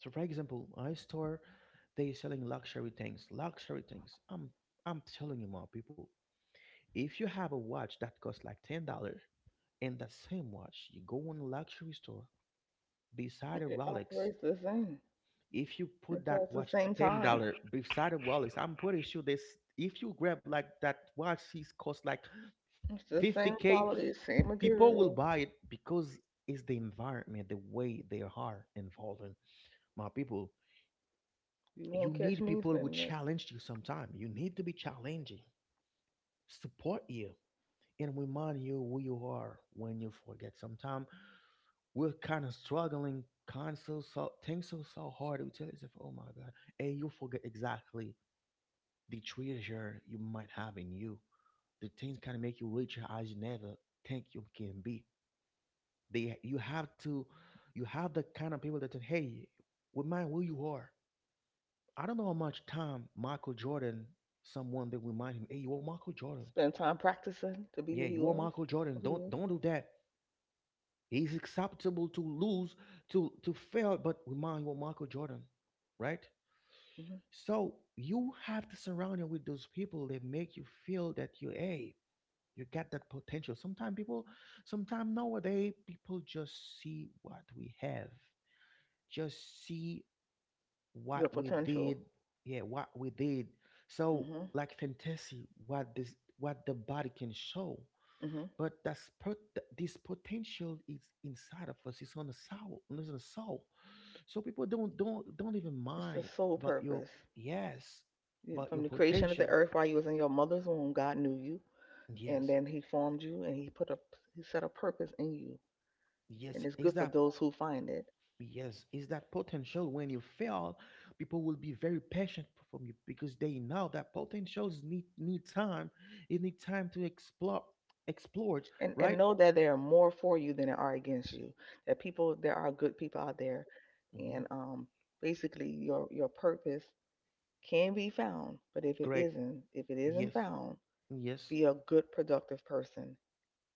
Speaker 1: So for example, I store, they selling luxury things, luxury things. I'm telling you, my people, if you have a watch that costs like $10, in that same watch, you go in a luxury store beside a
Speaker 2: It
Speaker 1: Rolex.
Speaker 2: operates the same.
Speaker 1: If you put
Speaker 2: It
Speaker 1: that
Speaker 2: tells the
Speaker 1: watch
Speaker 2: same
Speaker 1: ten
Speaker 2: time.
Speaker 1: dollar beside a Rolex, I'm pretty sure this. If you grab like that watch, it cost like
Speaker 2: It's the
Speaker 1: fifty
Speaker 2: same
Speaker 1: k.
Speaker 2: quality, same
Speaker 1: People will
Speaker 2: material.
Speaker 1: buy it because it's the environment, the way they are involving. My people,
Speaker 2: You won't
Speaker 1: you
Speaker 2: catch
Speaker 1: need
Speaker 2: me
Speaker 1: people who
Speaker 2: spending it.
Speaker 1: challenge you sometime. You need to be challenging, support you, and remind you who you are when you forget. Sometime we're kind of struggling, kind of so things so hard, we tell yourself, oh my god, and you forget exactly the treasure you might have in you, the things kind of make you richer as you never think you can be. They, you have to, you have the kind of people that say, hey, remind who you are. I don't know how much time Michael Jordan, someone that remind him, hey, you are Michael Jordan,
Speaker 2: Spend time practicing to be
Speaker 1: yeah,
Speaker 2: who he
Speaker 1: you are
Speaker 2: was,
Speaker 1: Michael Jordan,
Speaker 2: who he
Speaker 1: don't
Speaker 2: is.
Speaker 1: don't do that. He's acceptable to lose, to fail, but remind what Michael Jordan, right?
Speaker 2: hmm
Speaker 1: So you have to surround you with those people that make you feel that you, hey, you got that potential. Sometimes people, sometimes nowadays people just see what we have, just see
Speaker 2: Your
Speaker 1: what we did,
Speaker 2: potential.
Speaker 1: yeah, what we did. So
Speaker 2: hmm
Speaker 1: like fantasy, what this, what the body can show.
Speaker 2: hmm
Speaker 1: But that's pot this potential is inside of us. It's on the soul. It's on the soul. So people don't even
Speaker 2: It's the
Speaker 1: mind
Speaker 2: sole
Speaker 1: about your,
Speaker 2: purpose.
Speaker 1: yes, about
Speaker 2: From
Speaker 1: your
Speaker 2: the creation of the
Speaker 1: potential.
Speaker 2: earth while you was in your mother's womb, God knew you. And
Speaker 1: Yes,
Speaker 2: then he formed you and he put a, he set a purpose in you,
Speaker 1: yes.
Speaker 2: and it's
Speaker 1: Is
Speaker 2: good for
Speaker 1: that,
Speaker 2: those who find it.
Speaker 1: yes? Is that potential? When you fail, people will be very patient from you because they know that potentials need time. It need time to explore it.
Speaker 2: And
Speaker 1: Right?
Speaker 2: know that there are more for you than there are against you, that people, there are good people out there.
Speaker 1: Hmm.
Speaker 2: And basically your purpose can be found, but if it
Speaker 1: Great.
Speaker 2: isn't, if it isn't
Speaker 1: Yes.
Speaker 2: found,
Speaker 1: Yes.
Speaker 2: be a good productive person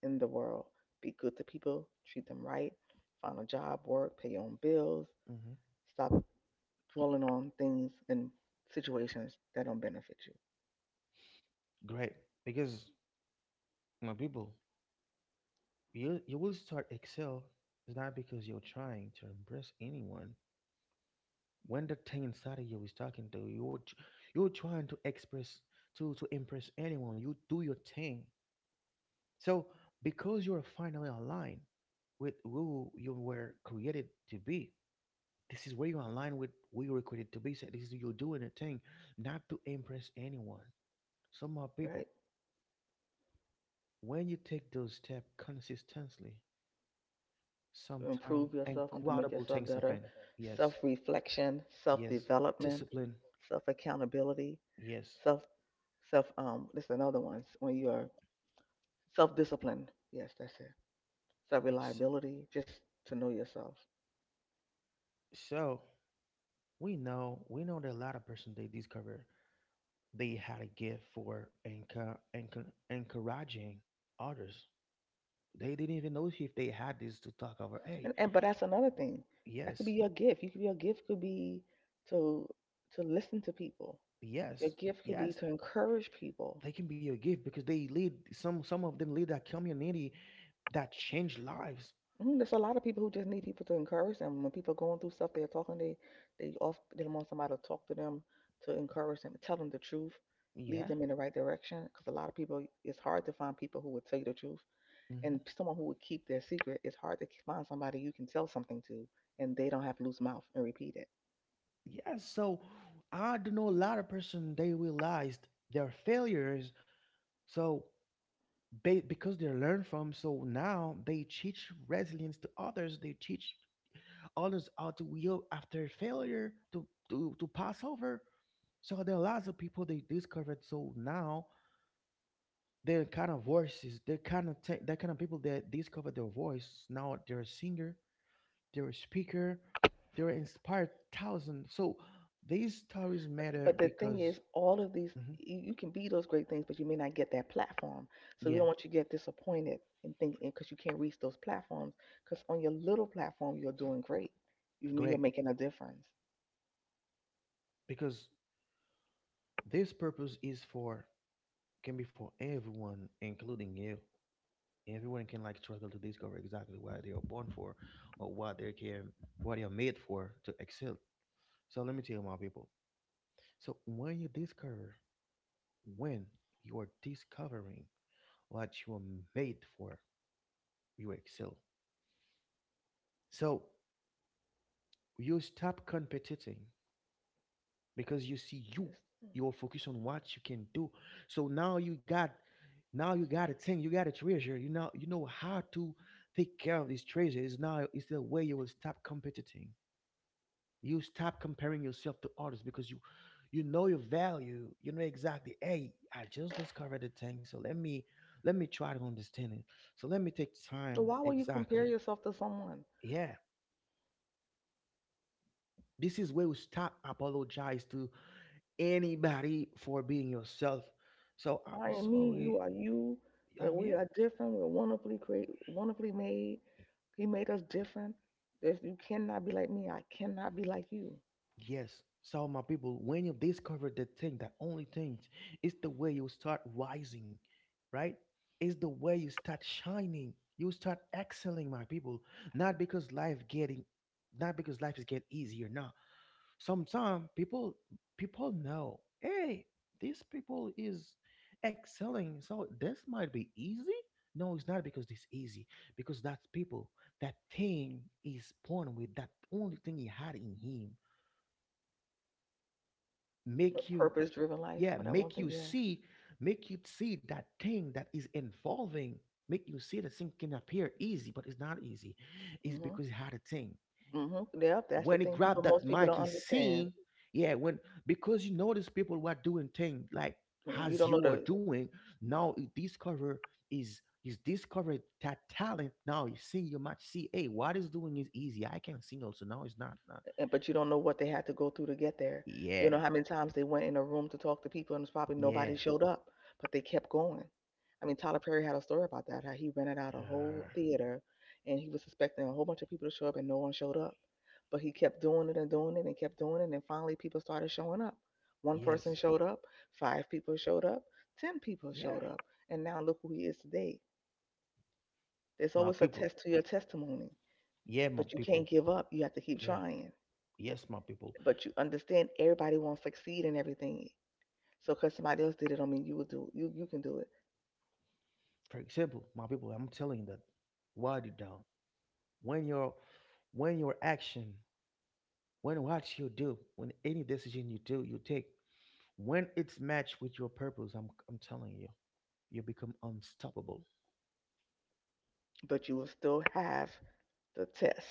Speaker 2: in the world. Be good to people, treat them right, find a job, work, pay your own bills.
Speaker 1: Hmm.
Speaker 2: Stop dwelling on things and situations that don't benefit you,
Speaker 1: Great. Because my people. You will start excel is not because you're trying to impress anyone. When the thing inside of you is talking to you, you're, you're trying to express to impress anyone. You do your thing. So because you're finally aligned with who you were created to be, this is where you align with who you were created to be. So this is you doing a thing, not to impress anyone. Some more people,
Speaker 2: right,
Speaker 1: when you take those steps consistently,
Speaker 2: to improve
Speaker 1: sometimes
Speaker 2: yourself and to make
Speaker 1: incredible
Speaker 2: yourself
Speaker 1: things
Speaker 2: better.
Speaker 1: happen. Yes.
Speaker 2: Self reflection, self
Speaker 1: Yes,
Speaker 2: development,
Speaker 1: discipline.
Speaker 2: self accountability,
Speaker 1: Yes.
Speaker 2: self, self. This is another one. When you're self disciplined, yes, that's it. Self
Speaker 1: S-
Speaker 2: reliability, just to know yourself.
Speaker 1: So we know that a lot of person they discover they had a gift for encouraging others. They didn't even know if they had this to talk over.
Speaker 2: And
Speaker 1: Hey,
Speaker 2: and but that's another thing. That could be
Speaker 1: yes,
Speaker 2: your gift. You could, your gift could be to to listen to people. Your
Speaker 1: yes,
Speaker 2: gift could be
Speaker 1: yes,
Speaker 2: to encourage people.
Speaker 1: they can be a gift because they lead some of them lead that community that change lives.
Speaker 2: Mm, there's a lot of people who just need people to encourage them. When people are going through stuff, they're talking, they off they want somebody to talk to them, to encourage them, tell them the truth, lead
Speaker 1: Yeah.
Speaker 2: them in the right direction. Because a lot of people, it's hard to find people who would tell you the truth, and
Speaker 1: Hmm.
Speaker 2: someone who would keep their secret. It's hard to find somebody you can tell something to, and they don't have loose mouth and repeat it.
Speaker 1: Yeah. So I do know a lot of person they realized their failures. So they, because they learn from, so now they teach resilience to others. They teach others how to heal after failure, to to pass over. So there are lots of people they discovered. So now their kind of voices. They kind of they kind of people that discovered their voice. Now they're a singer. They're a speaker. They're inspired thousands. So these stories matter
Speaker 2: But the thing is,
Speaker 1: because,
Speaker 2: all of these,
Speaker 1: mhm,
Speaker 2: you can be those great things, but you may not get that platform. So we
Speaker 1: yeah,
Speaker 2: don't want you to get disappointed and think because you can't reach those platforms. Because on your little platform, you're doing great. You're
Speaker 1: great.
Speaker 2: making a difference.
Speaker 1: Because this purpose is for, can be for everyone, including you. Everyone can like struggle to discover exactly what they are born for or what they can, what they are made for to excel. So let me tell you my people. So when you discover, when you are discovering what you are made for, you excel. So you stop competing because you see you, you're focused on what you can do. So now you got, now you got a thing, you got a treasure, you know, you know how to take care of this treasure is now, is the way you will stop competing. You stop comparing yourself to others because you know your value, you know exactly, hey, I just discovered a thing, so let me, let me try to understand it, so let me take
Speaker 2: So
Speaker 1: time
Speaker 2: why will you compare
Speaker 1: exactly,
Speaker 2: yourself to someone?
Speaker 1: yeah, this is where we stop apologize to anybody for being yourself. So I'm
Speaker 2: I am me.
Speaker 1: sorry,
Speaker 2: You are you.
Speaker 1: I'm
Speaker 2: That
Speaker 1: here.
Speaker 2: we are different. We're wonderfully created, wonderfully made. He made us different. There's, you cannot be like me. I cannot be like you.
Speaker 1: Yes. So my people, when you discover the thing, that only thing, it's the way you start rising, right? It's the way you start shining. You start excelling, my people. Not because life getting, not because life is get easier. No. Sometimes people know, hey, these people is excelling, so this might be easy. No, it's not because it's easy. Because that's people, that thing is born with that only thing he had in him.
Speaker 2: A
Speaker 1: Make you,
Speaker 2: purpose-driven life,
Speaker 1: yeah,
Speaker 2: or that one thing you have.
Speaker 1: make you see that thing that is involving. Make you see that thing can appear easy, but it's not easy. It's
Speaker 2: Mm-hmm.
Speaker 1: because he had a thing.
Speaker 2: Mhm. Yep, that's the
Speaker 1: When he
Speaker 2: thing people,
Speaker 1: grabbed that
Speaker 2: most people
Speaker 1: mic,
Speaker 2: don't
Speaker 1: he
Speaker 2: understand.
Speaker 1: sing. Yeah, when, because you notice people were doing things like
Speaker 2: Mhm. You
Speaker 1: as
Speaker 2: don't know
Speaker 1: you are
Speaker 2: the,
Speaker 1: doing now. He discover is he's discovered that talent. Now you sing, you might see, hey, what is doing is easy. I can sing also. Now it's not. Not.
Speaker 2: but you don't know what they had to go through to get there. You
Speaker 1: Yeah,
Speaker 2: know how many times they went in a room to talk to people and it's probably nobody
Speaker 1: yeah,
Speaker 2: showed up, but they kept going. I mean, Tyler Perry had a story about that, how he rented out a whole
Speaker 1: uh,
Speaker 2: theater and he was expecting a whole bunch of people to show up and no one showed up. But he kept doing it and kept doing it, and finally people started showing up. One person
Speaker 1: yes,
Speaker 2: showed up, five people showed up, ten people
Speaker 1: yeah,
Speaker 2: showed up, and now look who he is today. There's
Speaker 1: my
Speaker 2: always a
Speaker 1: people.
Speaker 2: test to your testimony.
Speaker 1: Yeah, my
Speaker 2: But you can't
Speaker 1: people.
Speaker 2: give up. You have to keep
Speaker 1: Yeah,
Speaker 2: trying.
Speaker 1: yes, my people.
Speaker 2: But you understand everybody won't succeed in everything. So because somebody else did it, don't mean you you can do it.
Speaker 1: For example, my people, I'm telling you that write it down, when your, when your action, when what you do, when any decision you do, you take, when it's matched with your purpose, I'm telling you, you become unstoppable.
Speaker 2: But you will still have the test.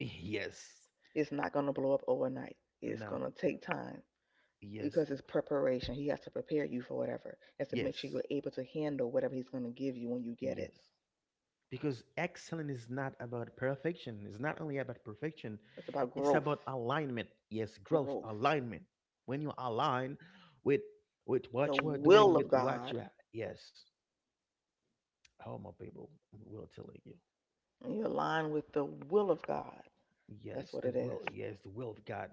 Speaker 1: Yes.
Speaker 2: It's not gonna blow up overnight. It's
Speaker 1: No.
Speaker 2: gonna take time
Speaker 1: Yes.
Speaker 2: because it's preparation. He has to prepare you for whatever. He has to make sure
Speaker 1: Yes.
Speaker 2: you're able to handle whatever he's gonna give you when you get it.
Speaker 1: Yes. Because excellence is not about perfection. It's not only about perfection.
Speaker 2: It's about
Speaker 1: It's about
Speaker 2: growth,
Speaker 1: alignment. Yes, growth,
Speaker 2: growth,
Speaker 1: alignment. When you align with with
Speaker 2: the
Speaker 1: what you are doing,
Speaker 2: will
Speaker 1: with
Speaker 2: of
Speaker 1: what
Speaker 2: God.
Speaker 1: you are. Yes. Oh my people, we're telling you.
Speaker 2: And you align with the will of God. That's
Speaker 1: Yes,
Speaker 2: what
Speaker 1: the
Speaker 2: it
Speaker 1: will.
Speaker 2: is.
Speaker 1: Yes, the will of God.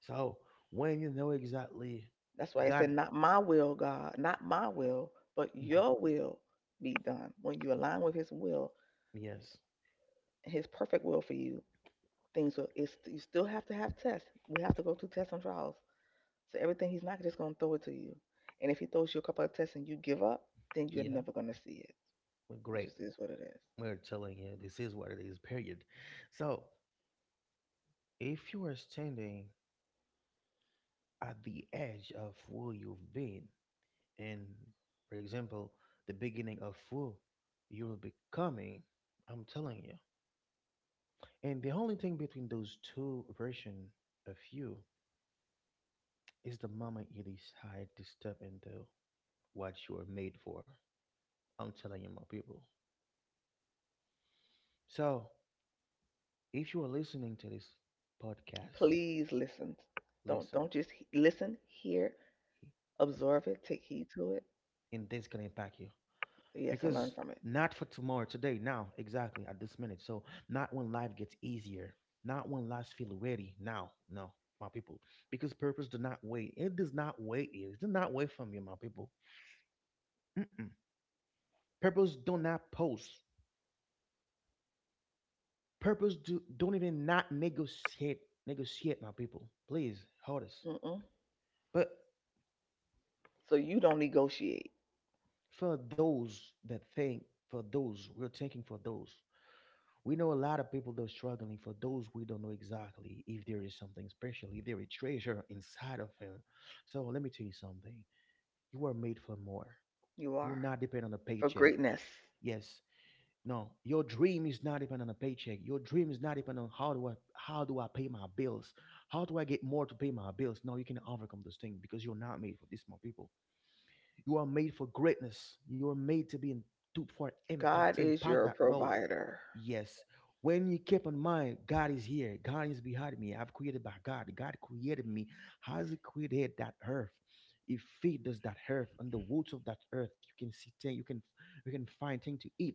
Speaker 1: So when you know exactly
Speaker 2: That's why it
Speaker 1: God,
Speaker 2: said, not my will, God, not my will, but
Speaker 1: mhm,
Speaker 2: your will be done. When you align with his will,
Speaker 1: yes,
Speaker 2: his perfect will for you, things will, it's, you still have to have tests. We have to go through tests and trials. So everything, he's not just going to throw it to you. And if he throws you a couple of tests and you give up, then you're
Speaker 1: yeah,
Speaker 2: never going to see it.
Speaker 1: we're
Speaker 2: It
Speaker 1: great.
Speaker 2: just is what it is.
Speaker 1: We're telling you this is what it is, period. So if you are standing at the edge of who you've been, and for example, the beginning of who you will be becoming, I'm telling you. And the only thing between those two versions of you is the moment you decide to step into what you are made for. I'm telling you, my people. So, if you are listening to this podcast,
Speaker 2: Please listen.
Speaker 1: listen,
Speaker 2: Don't just he- listen, hear, absorb it, take heed to it.
Speaker 1: and this can impact you
Speaker 2: Yes, and learn
Speaker 1: because
Speaker 2: from it.
Speaker 1: not for tomorrow, today, now, exactly at this minute. So, not when life gets easier, not when life feels ready. Now, no, my people, because purpose do not wait. It does not wait you. It does not wait from you, my people. Mm-mm. Purpose do not post. Purpose do don't even not negotiate. Negotiate, my people. Please hold us.
Speaker 2: Mm-mm.
Speaker 1: But
Speaker 2: So you don't negotiate.
Speaker 1: for those that think, for those we're thinking, for those we know, a lot of people that are struggling, for those we don't know exactly if there is something special, if there is treasure inside of him, so let me tell you something, you are made for more,
Speaker 2: You
Speaker 1: you're
Speaker 2: are
Speaker 1: not depend on a
Speaker 2: for
Speaker 1: paycheck.
Speaker 2: greatness.
Speaker 1: Yes. No, your dream is not depend on a paycheck. Your dream is not depend on how do I pay my bills, how do I get more to pay my bills. No, you can overcome this thing because you're not made for this, more people. You are made for greatness. You are made to be in, to, for impact,
Speaker 2: God
Speaker 1: to
Speaker 2: is
Speaker 1: impact
Speaker 2: your
Speaker 1: that role.
Speaker 2: provider.
Speaker 1: Yes. When you keep in mind, God is here. God is behind me. I've created by God. God created me. Has He created that earth? He feed us that earth and the roots of that earth. You can see things. You can find things to eat.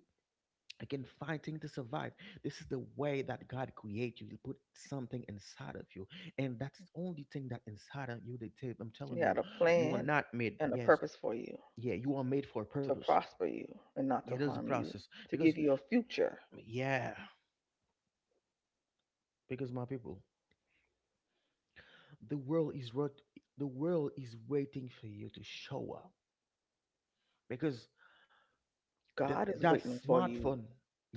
Speaker 1: You can find things to survive. This is the way that God created you. He put something inside of you, and that's the only thing that inside of you. They take. I'm
Speaker 2: He
Speaker 1: telling you,
Speaker 2: had a
Speaker 1: you are
Speaker 2: plan
Speaker 1: not made.
Speaker 2: and a
Speaker 1: Yes,
Speaker 2: purpose for you,
Speaker 1: yeah, you are made for a
Speaker 2: to
Speaker 1: purpose.
Speaker 2: prosper you and not
Speaker 1: Yeah,
Speaker 2: to
Speaker 1: there's a
Speaker 2: harm you,
Speaker 1: process
Speaker 2: to
Speaker 1: because,
Speaker 2: give you a future.
Speaker 1: yeah, because my people, the world is rot- the world is waiting for you to show up because that
Speaker 2: God is
Speaker 1: that
Speaker 2: waiting for you
Speaker 1: smartphone,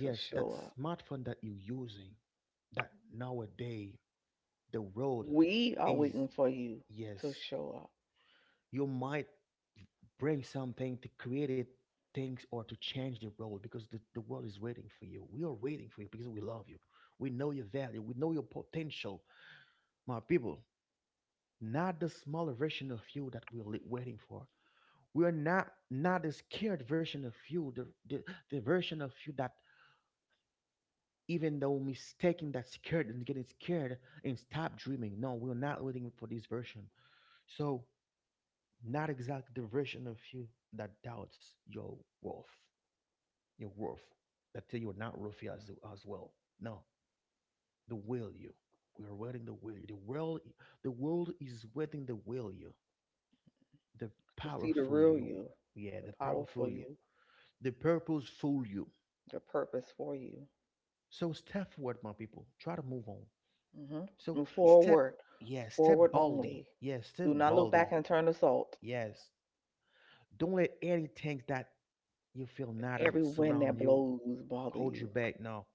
Speaker 2: to
Speaker 1: that
Speaker 2: show up.
Speaker 1: smartphone that you're using, that nowadays the road
Speaker 2: We are
Speaker 1: is,
Speaker 2: waiting for you to
Speaker 1: yes,
Speaker 2: show up,
Speaker 1: you might bring something to create it things or to change the world because the world is waiting for you. We are waiting for you because we love you. We know your value, we know your potential, my people. Not the smaller version of you that waiting for. We're not the scared version of you, the version of you that even though mistaking that scared and getting scared and stop dreaming. No, we're not waiting for this version. So not exactly the version of you that doubts worth, your worth. That tell you're not worthy as well. No, the will you. We are waiting the will you. The world is waiting the will you. The
Speaker 2: to see the
Speaker 1: powerful
Speaker 2: real
Speaker 1: you.
Speaker 2: you,
Speaker 1: Yeah,
Speaker 2: the
Speaker 1: the
Speaker 2: power for
Speaker 1: powerful you.
Speaker 2: you,
Speaker 1: The purposeful you.
Speaker 2: the purpose for you.
Speaker 1: So step forward, my people. Try to move on.
Speaker 2: Hmm
Speaker 1: So
Speaker 2: Move
Speaker 1: step,
Speaker 2: forward,
Speaker 1: yeah,
Speaker 2: forward
Speaker 1: step boldly.
Speaker 2: only.
Speaker 1: Yes, step
Speaker 2: Do not look back
Speaker 1: boldly.
Speaker 2: and turn to salt.
Speaker 1: Yes. Don't let anything that you feel not in-
Speaker 2: Every wind
Speaker 1: surround
Speaker 2: that
Speaker 1: you,
Speaker 2: blows bother
Speaker 1: hold
Speaker 2: you,
Speaker 1: you back. No.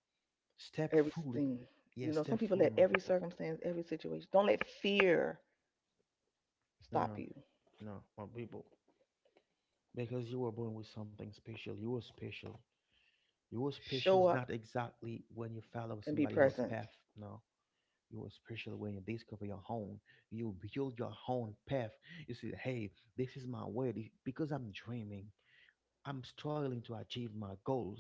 Speaker 1: Step fully.
Speaker 2: everything. You
Speaker 1: Yes,
Speaker 2: know,
Speaker 1: step
Speaker 2: some people
Speaker 1: fully,
Speaker 2: let
Speaker 1: my
Speaker 2: every
Speaker 1: people.
Speaker 2: circumstance, every situation, don't let fear stop
Speaker 1: No,
Speaker 2: you.
Speaker 1: no, my people. Because you were born with something special. You were special. You were special
Speaker 2: Show
Speaker 1: is
Speaker 2: up
Speaker 1: not exactly when you follow
Speaker 2: and be
Speaker 1: somebody else's
Speaker 2: present.
Speaker 1: path. No. You're special when you discover your own. You build your own path. You say, hey, this is my way. Because I'm dreaming. I'm struggling to achieve my goals.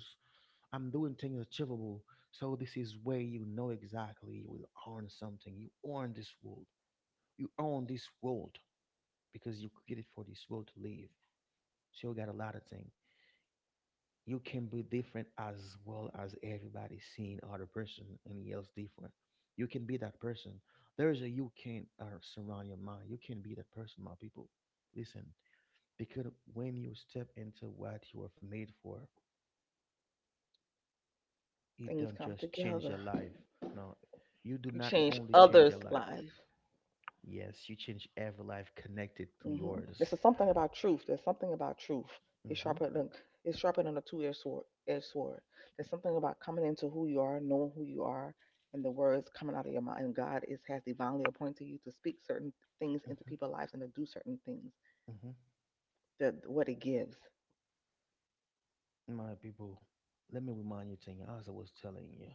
Speaker 1: I'm doing things achievable. So this is where you know exactly you will earn something. You earn this world. You own this world because you created for this world to live. So you got a lot of things. You can be different as well as everybody seeing other person and yells different. You can be that person. There is a, you can surround your mind. You can be that person, my people. Listen, because when you step into what you are made for, it
Speaker 2: Things
Speaker 1: don't
Speaker 2: come
Speaker 1: just change
Speaker 2: together.
Speaker 1: your
Speaker 2: You
Speaker 1: life. No, you do not
Speaker 2: change
Speaker 1: only change
Speaker 2: others'
Speaker 1: your life.
Speaker 2: lives.
Speaker 1: Yes, you change every life connected to
Speaker 2: Mm-hmm. This
Speaker 1: yours.
Speaker 2: is something about truth. There's something about truth. It's
Speaker 1: Mm-hmm,
Speaker 2: sharper than, it's sharper than a two-edged sword. Edged sword. There's something about coming into who you are, knowing who you are, and the words coming out of your mouth. And God is, has divinely appointed you to speak certain things into
Speaker 1: mm-hmm,
Speaker 2: people's lives and to do certain things.
Speaker 1: mm-hmm.
Speaker 2: That what it gives.
Speaker 1: My people, let me remind you, thing as I was telling you.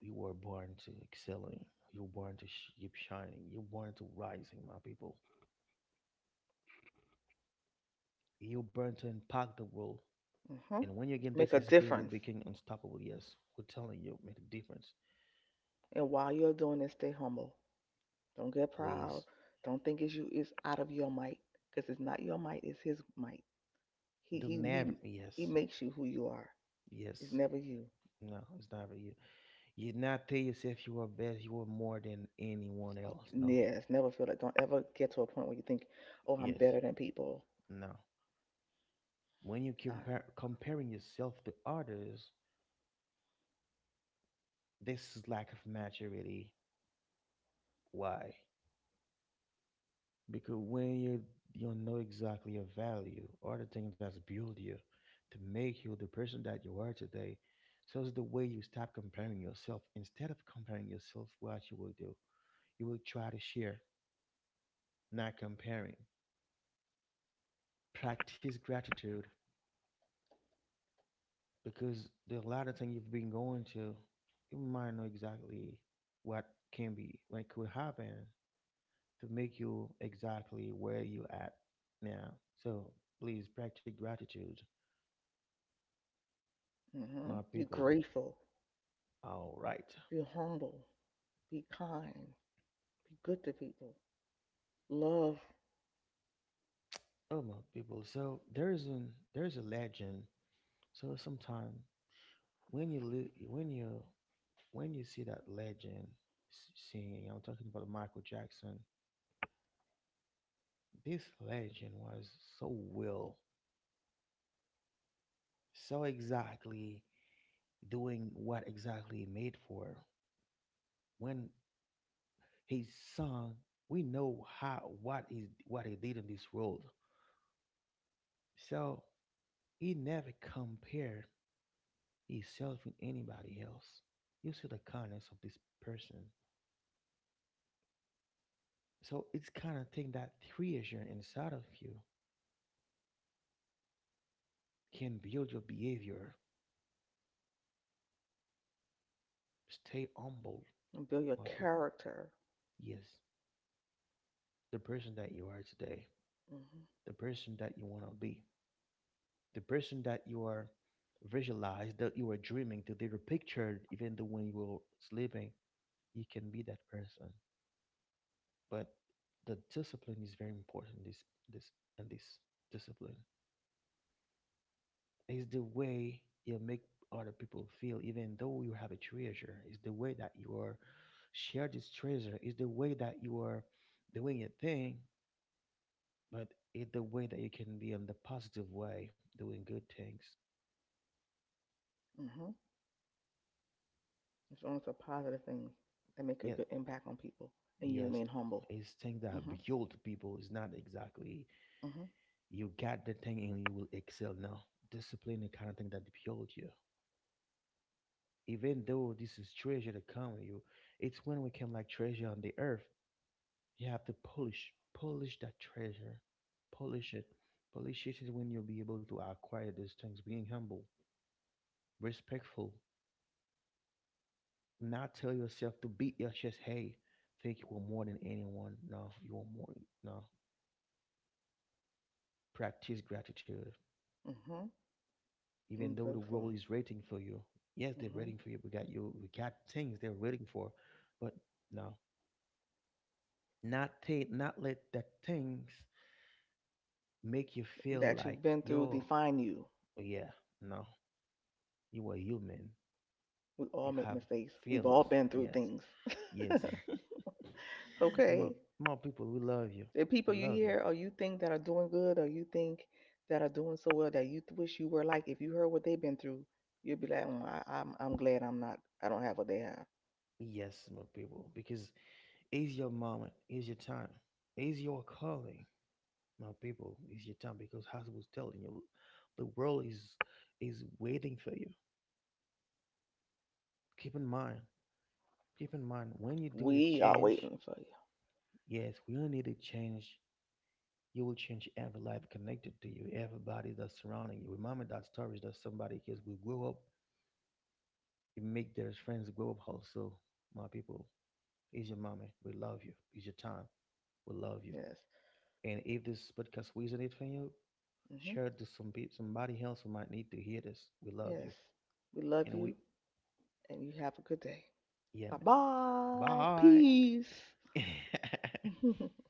Speaker 1: You were born to excelling. You were born to keep shining. You were born to rising, my people. You were born to impact the world.
Speaker 2: Hmm
Speaker 1: And when you again, this
Speaker 2: Make a
Speaker 1: is where we'll
Speaker 2: difference.
Speaker 1: become unstoppable. Yes, we're telling you, make a difference.
Speaker 2: And while you're doing this, stay humble. Don't get proud.
Speaker 1: Please,
Speaker 2: Don't think it's you. It's out of your might, because it's not your might. It's his might. He
Speaker 1: do
Speaker 2: he
Speaker 1: never.
Speaker 2: he he
Speaker 1: Yes,
Speaker 2: makes you who you are. It's
Speaker 1: yes.
Speaker 2: never you.
Speaker 1: No, it's never you. You not tell yourself you are best. You are more than anyone else. No.
Speaker 2: Yes, never feel it. Don't ever get to a point where you think, "Oh, I'm
Speaker 1: Yes.
Speaker 2: better than people."
Speaker 1: No. When you
Speaker 2: Uh.
Speaker 1: compare comparing yourself to others, this is lack of maturity. Why? Because when you know exactly your value or the thing that's built you to make you the person that you are today, so it's the way you stop comparing yourself. Instead of comparing yourself, what you will do, you will try to share, not comparing. Practice gratitude because there's a lot of things you've been going to, you might know exactly what can be, what could happen to make you exactly where you at now. So please practice gratitude, my
Speaker 2: hmm Be
Speaker 1: people.
Speaker 2: grateful.
Speaker 1: All right.
Speaker 2: Be humble. Be kind. Be good to people. Love
Speaker 1: Oh my people. So there's a legend. So sometime when you li- when you see that legend singing, I'm talking about Michael Jackson. This legend was so will, so exactly doing what exactly he made for. When he sung, we know how what is what he did in this world. So he never compared yourself and anybody else. You see the kindness of this person. So it's kind of thing that creation inside of you can build your behavior. Stay humble,
Speaker 2: and build your
Speaker 1: my people.
Speaker 2: character.
Speaker 1: Yes, the person that you are today,
Speaker 2: Hmm
Speaker 1: the person that you want to be, the person that you are visualized, that you are dreaming that they the pictured, even though when you were sleeping you can be that person, but the discipline is very important. This this and this discipline, it's the way you make other people feel, even though you have a treasure. It's the way that you are share this treasure. It's the way that you are doing your thing, but it's the way that you can be on the positive way, doing good things.
Speaker 2: hmm It's only the positive things that make a
Speaker 1: Yeah,
Speaker 2: good impact on people, and you
Speaker 1: yes,
Speaker 2: remain humble.
Speaker 1: it's things that
Speaker 2: Mm-hmm.
Speaker 1: build people. It's not exactly
Speaker 2: Mm-hmm.
Speaker 1: you got the thing and you will excel. No, discipline, the kind of thing that build you. Even though this is treasure that come with you, it's when we can like treasure on the earth. You have to polish that treasure, polish it, polish it is when you'll be able to acquire those things. Being humble, respectful, not tell yourself to beat your chest. Hey, think you are more than anyone. No, you are more. No, practice gratitude.
Speaker 2: Mm-hmm.
Speaker 1: Even
Speaker 2: And
Speaker 1: though the world
Speaker 2: grateful.
Speaker 1: is waiting for you, yes, they're
Speaker 2: Hmm
Speaker 1: waiting for you. We got you. We got things they're waiting for, but no, not take, not let that things make you feel
Speaker 2: That you've
Speaker 1: like
Speaker 2: been through
Speaker 1: yo,
Speaker 2: define you.
Speaker 1: yeah, no, you are human.
Speaker 2: We
Speaker 1: You
Speaker 2: all make
Speaker 1: have
Speaker 2: mistakes. We've all
Speaker 1: feels.
Speaker 2: been through
Speaker 1: Yes.
Speaker 2: things.
Speaker 1: Yes. More,
Speaker 2: Okay.
Speaker 1: more people, we love you.
Speaker 2: The people
Speaker 1: We
Speaker 2: you
Speaker 1: love you.
Speaker 2: hear or you think that are doing good, or you think that are doing so well that you wish you were like, if you heard what they've been through, you'd be like, "Mm, I'm glad I'm not, I don't have what they have."
Speaker 1: Yes, my people, because it's your moment, it's your time, it's your calling, my people, it's your time. Because as I was telling you, the world is waiting for you. Keep in mind, keep in mind, when you do the
Speaker 2: We are
Speaker 1: change,
Speaker 2: waiting for you.
Speaker 1: yes, we all need to change. You will change every life connected to you, everybody that's surrounding you. Remember that story that somebody, because we grew up. You make their friends go up also. My people, it's your mommy. We love you. It's your time. We love you.
Speaker 2: Yes.
Speaker 1: And if this podcast resonated for you,
Speaker 2: hmm
Speaker 1: share it to some people, somebody else who might need to hear this. We love
Speaker 2: Yes.
Speaker 1: you.
Speaker 2: We love
Speaker 1: And
Speaker 2: you,
Speaker 1: we,
Speaker 2: and you have a good day.
Speaker 1: yeah,
Speaker 2: Bye
Speaker 1: man.
Speaker 2: bye.
Speaker 1: Bye.
Speaker 2: Peace.